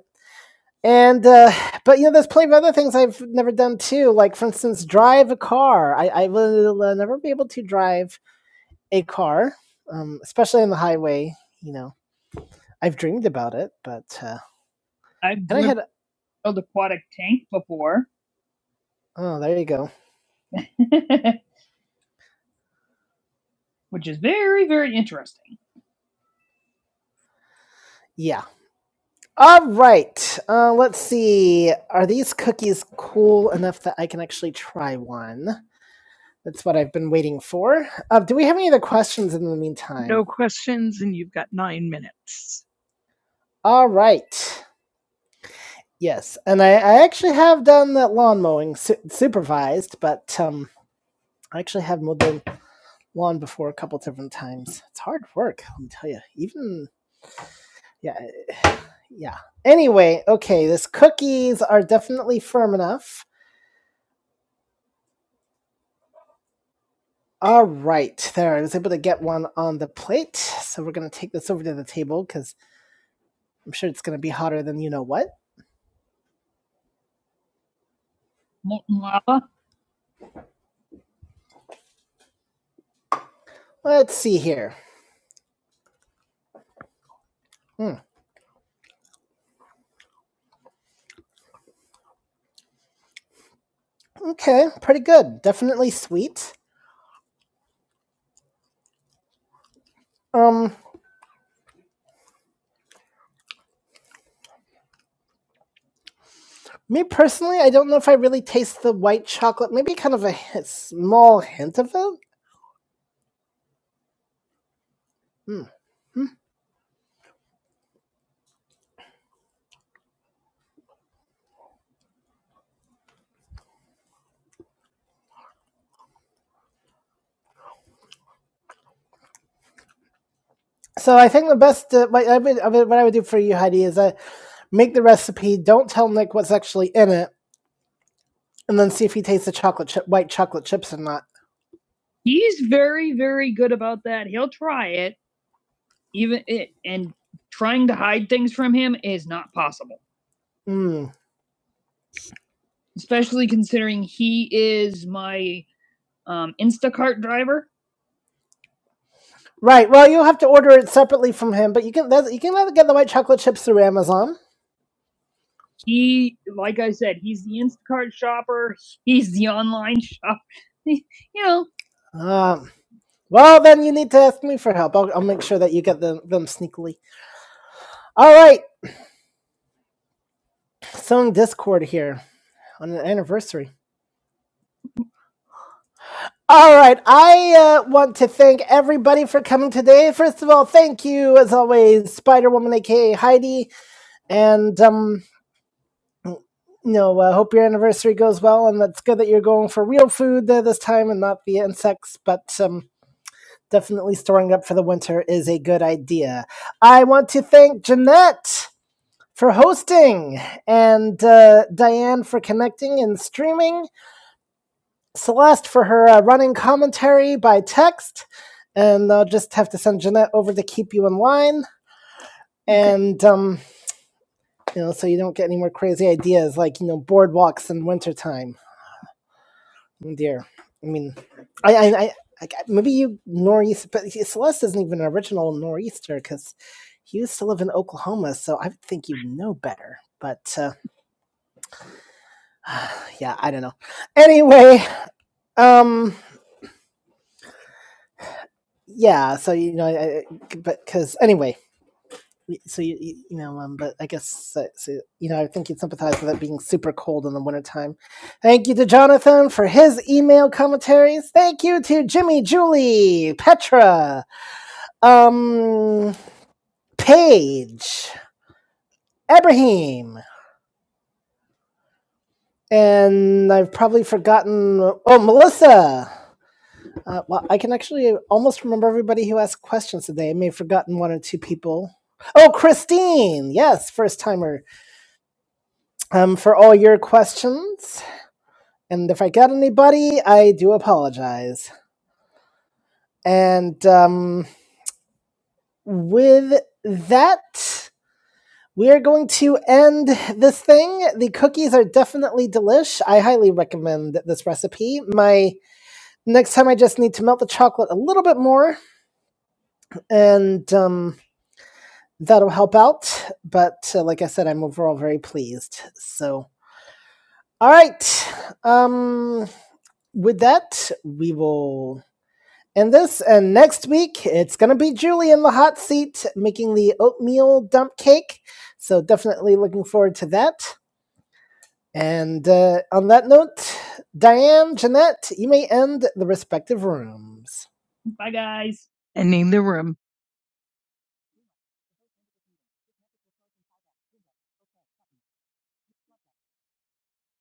[SPEAKER 1] And uh, but you know, there's plenty of other things I've never done too. Like for instance, drive a car. I, I will uh, never be able to drive a car, um, especially on the highway. You know, I've dreamed about it, but uh, I've and I had an aquatic tank before, oh, there you go. which is very, very interesting. Yeah. All right. Uh, let's see. Are these cookies cool enough that I can actually try one? That's what I've been waiting for. Uh, do we have any other questions in the meantime? No questions, and you've got nine minutes. All right. Yes, and I, I actually have done that lawn mowing su- supervised, but um, I actually have mowed the lawn before a couple different times. It's hard work, let me tell you. Even yeah, yeah. Anyway, okay, this cookies are definitely firm enough. All right, there. I was able to get one on the plate, so we're gonna take this over to the table because I'm sure it's going to be hotter than you know what. Molten lava. Let's see here. Hmm. Okay, pretty good. Definitely sweet. Um, me personally, I don't know if I really taste the white chocolate. Maybe kind of a hi- small hint of it. Hmm. Hmm. So I think the best uh, what I would what I would do for you, Heidi, is I make the recipe. Don't tell Nick what's actually in it, and then see if he tastes the chocolate chip, white chocolate chips or not. He's very, very good about that. He'll try it. even it and trying to hide things from him is not possible Mm. especially considering he is my um, instacart driver Right. Well, you'll have to order it separately from him, but you can you can get the white chocolate chips through Amazon. he like i said he's the instacart shopper he's the online shop you know Um, well, then you need to ask me for help. I'll, I'll make sure that you get them, them sneakily. All right, sewing Discord here on an anniversary. All right, I uh, want to thank everybody for coming today. First of all, thank you, as always, Spider Woman, aka Heidi, and um, you know, uh, hope your anniversary goes well, and that's good that you're going for real food uh, this time and not the insects. But um, definitely storing up for the winter is a good idea. I want to thank Jeanette for hosting and uh, Diane for connecting and streaming Celeste for her uh, running commentary by text, and I'll just have to send Jeanette over to keep you in line. Okay. And um, you know, so you don't get any more crazy ideas like you know boardwalks in wintertime. Oh, dear, I mean, I, I, I, I maybe you nor'easter, but Celeste isn't even an original nor'easter because he used to live in Oklahoma, so I would think you know better. But uh, yeah, I don't know. Anyway, um, yeah. So you know, I- but because anyway. so you, you know um but i guess that, so, you know i think you'd sympathize with it being super cold in the wintertime thank you to jonathan for his email commentaries thank you to jimmy julie petra um paige abraham and i've probably forgotten oh melissa uh, well i can actually almost remember everybody who asked questions today i may have forgotten one or two people oh christine yes first timer um, for all your questions. And if I got anybody, I do apologize. And um, with that, we are going to end this thing. The cookies are definitely delish. I highly recommend this recipe. My next time, I just need to melt the chocolate a little bit more, and um, that'll help out. But uh, like I said, I'm overall very pleased. So, all right. Um, with that, we will And this and next week, it's going to be Julie in the hot seat making the oatmeal dump cake. So definitely looking forward to that. And uh, on that note, Diane, Jeanette, you may end the respective rooms. Bye, guys. Ending the room.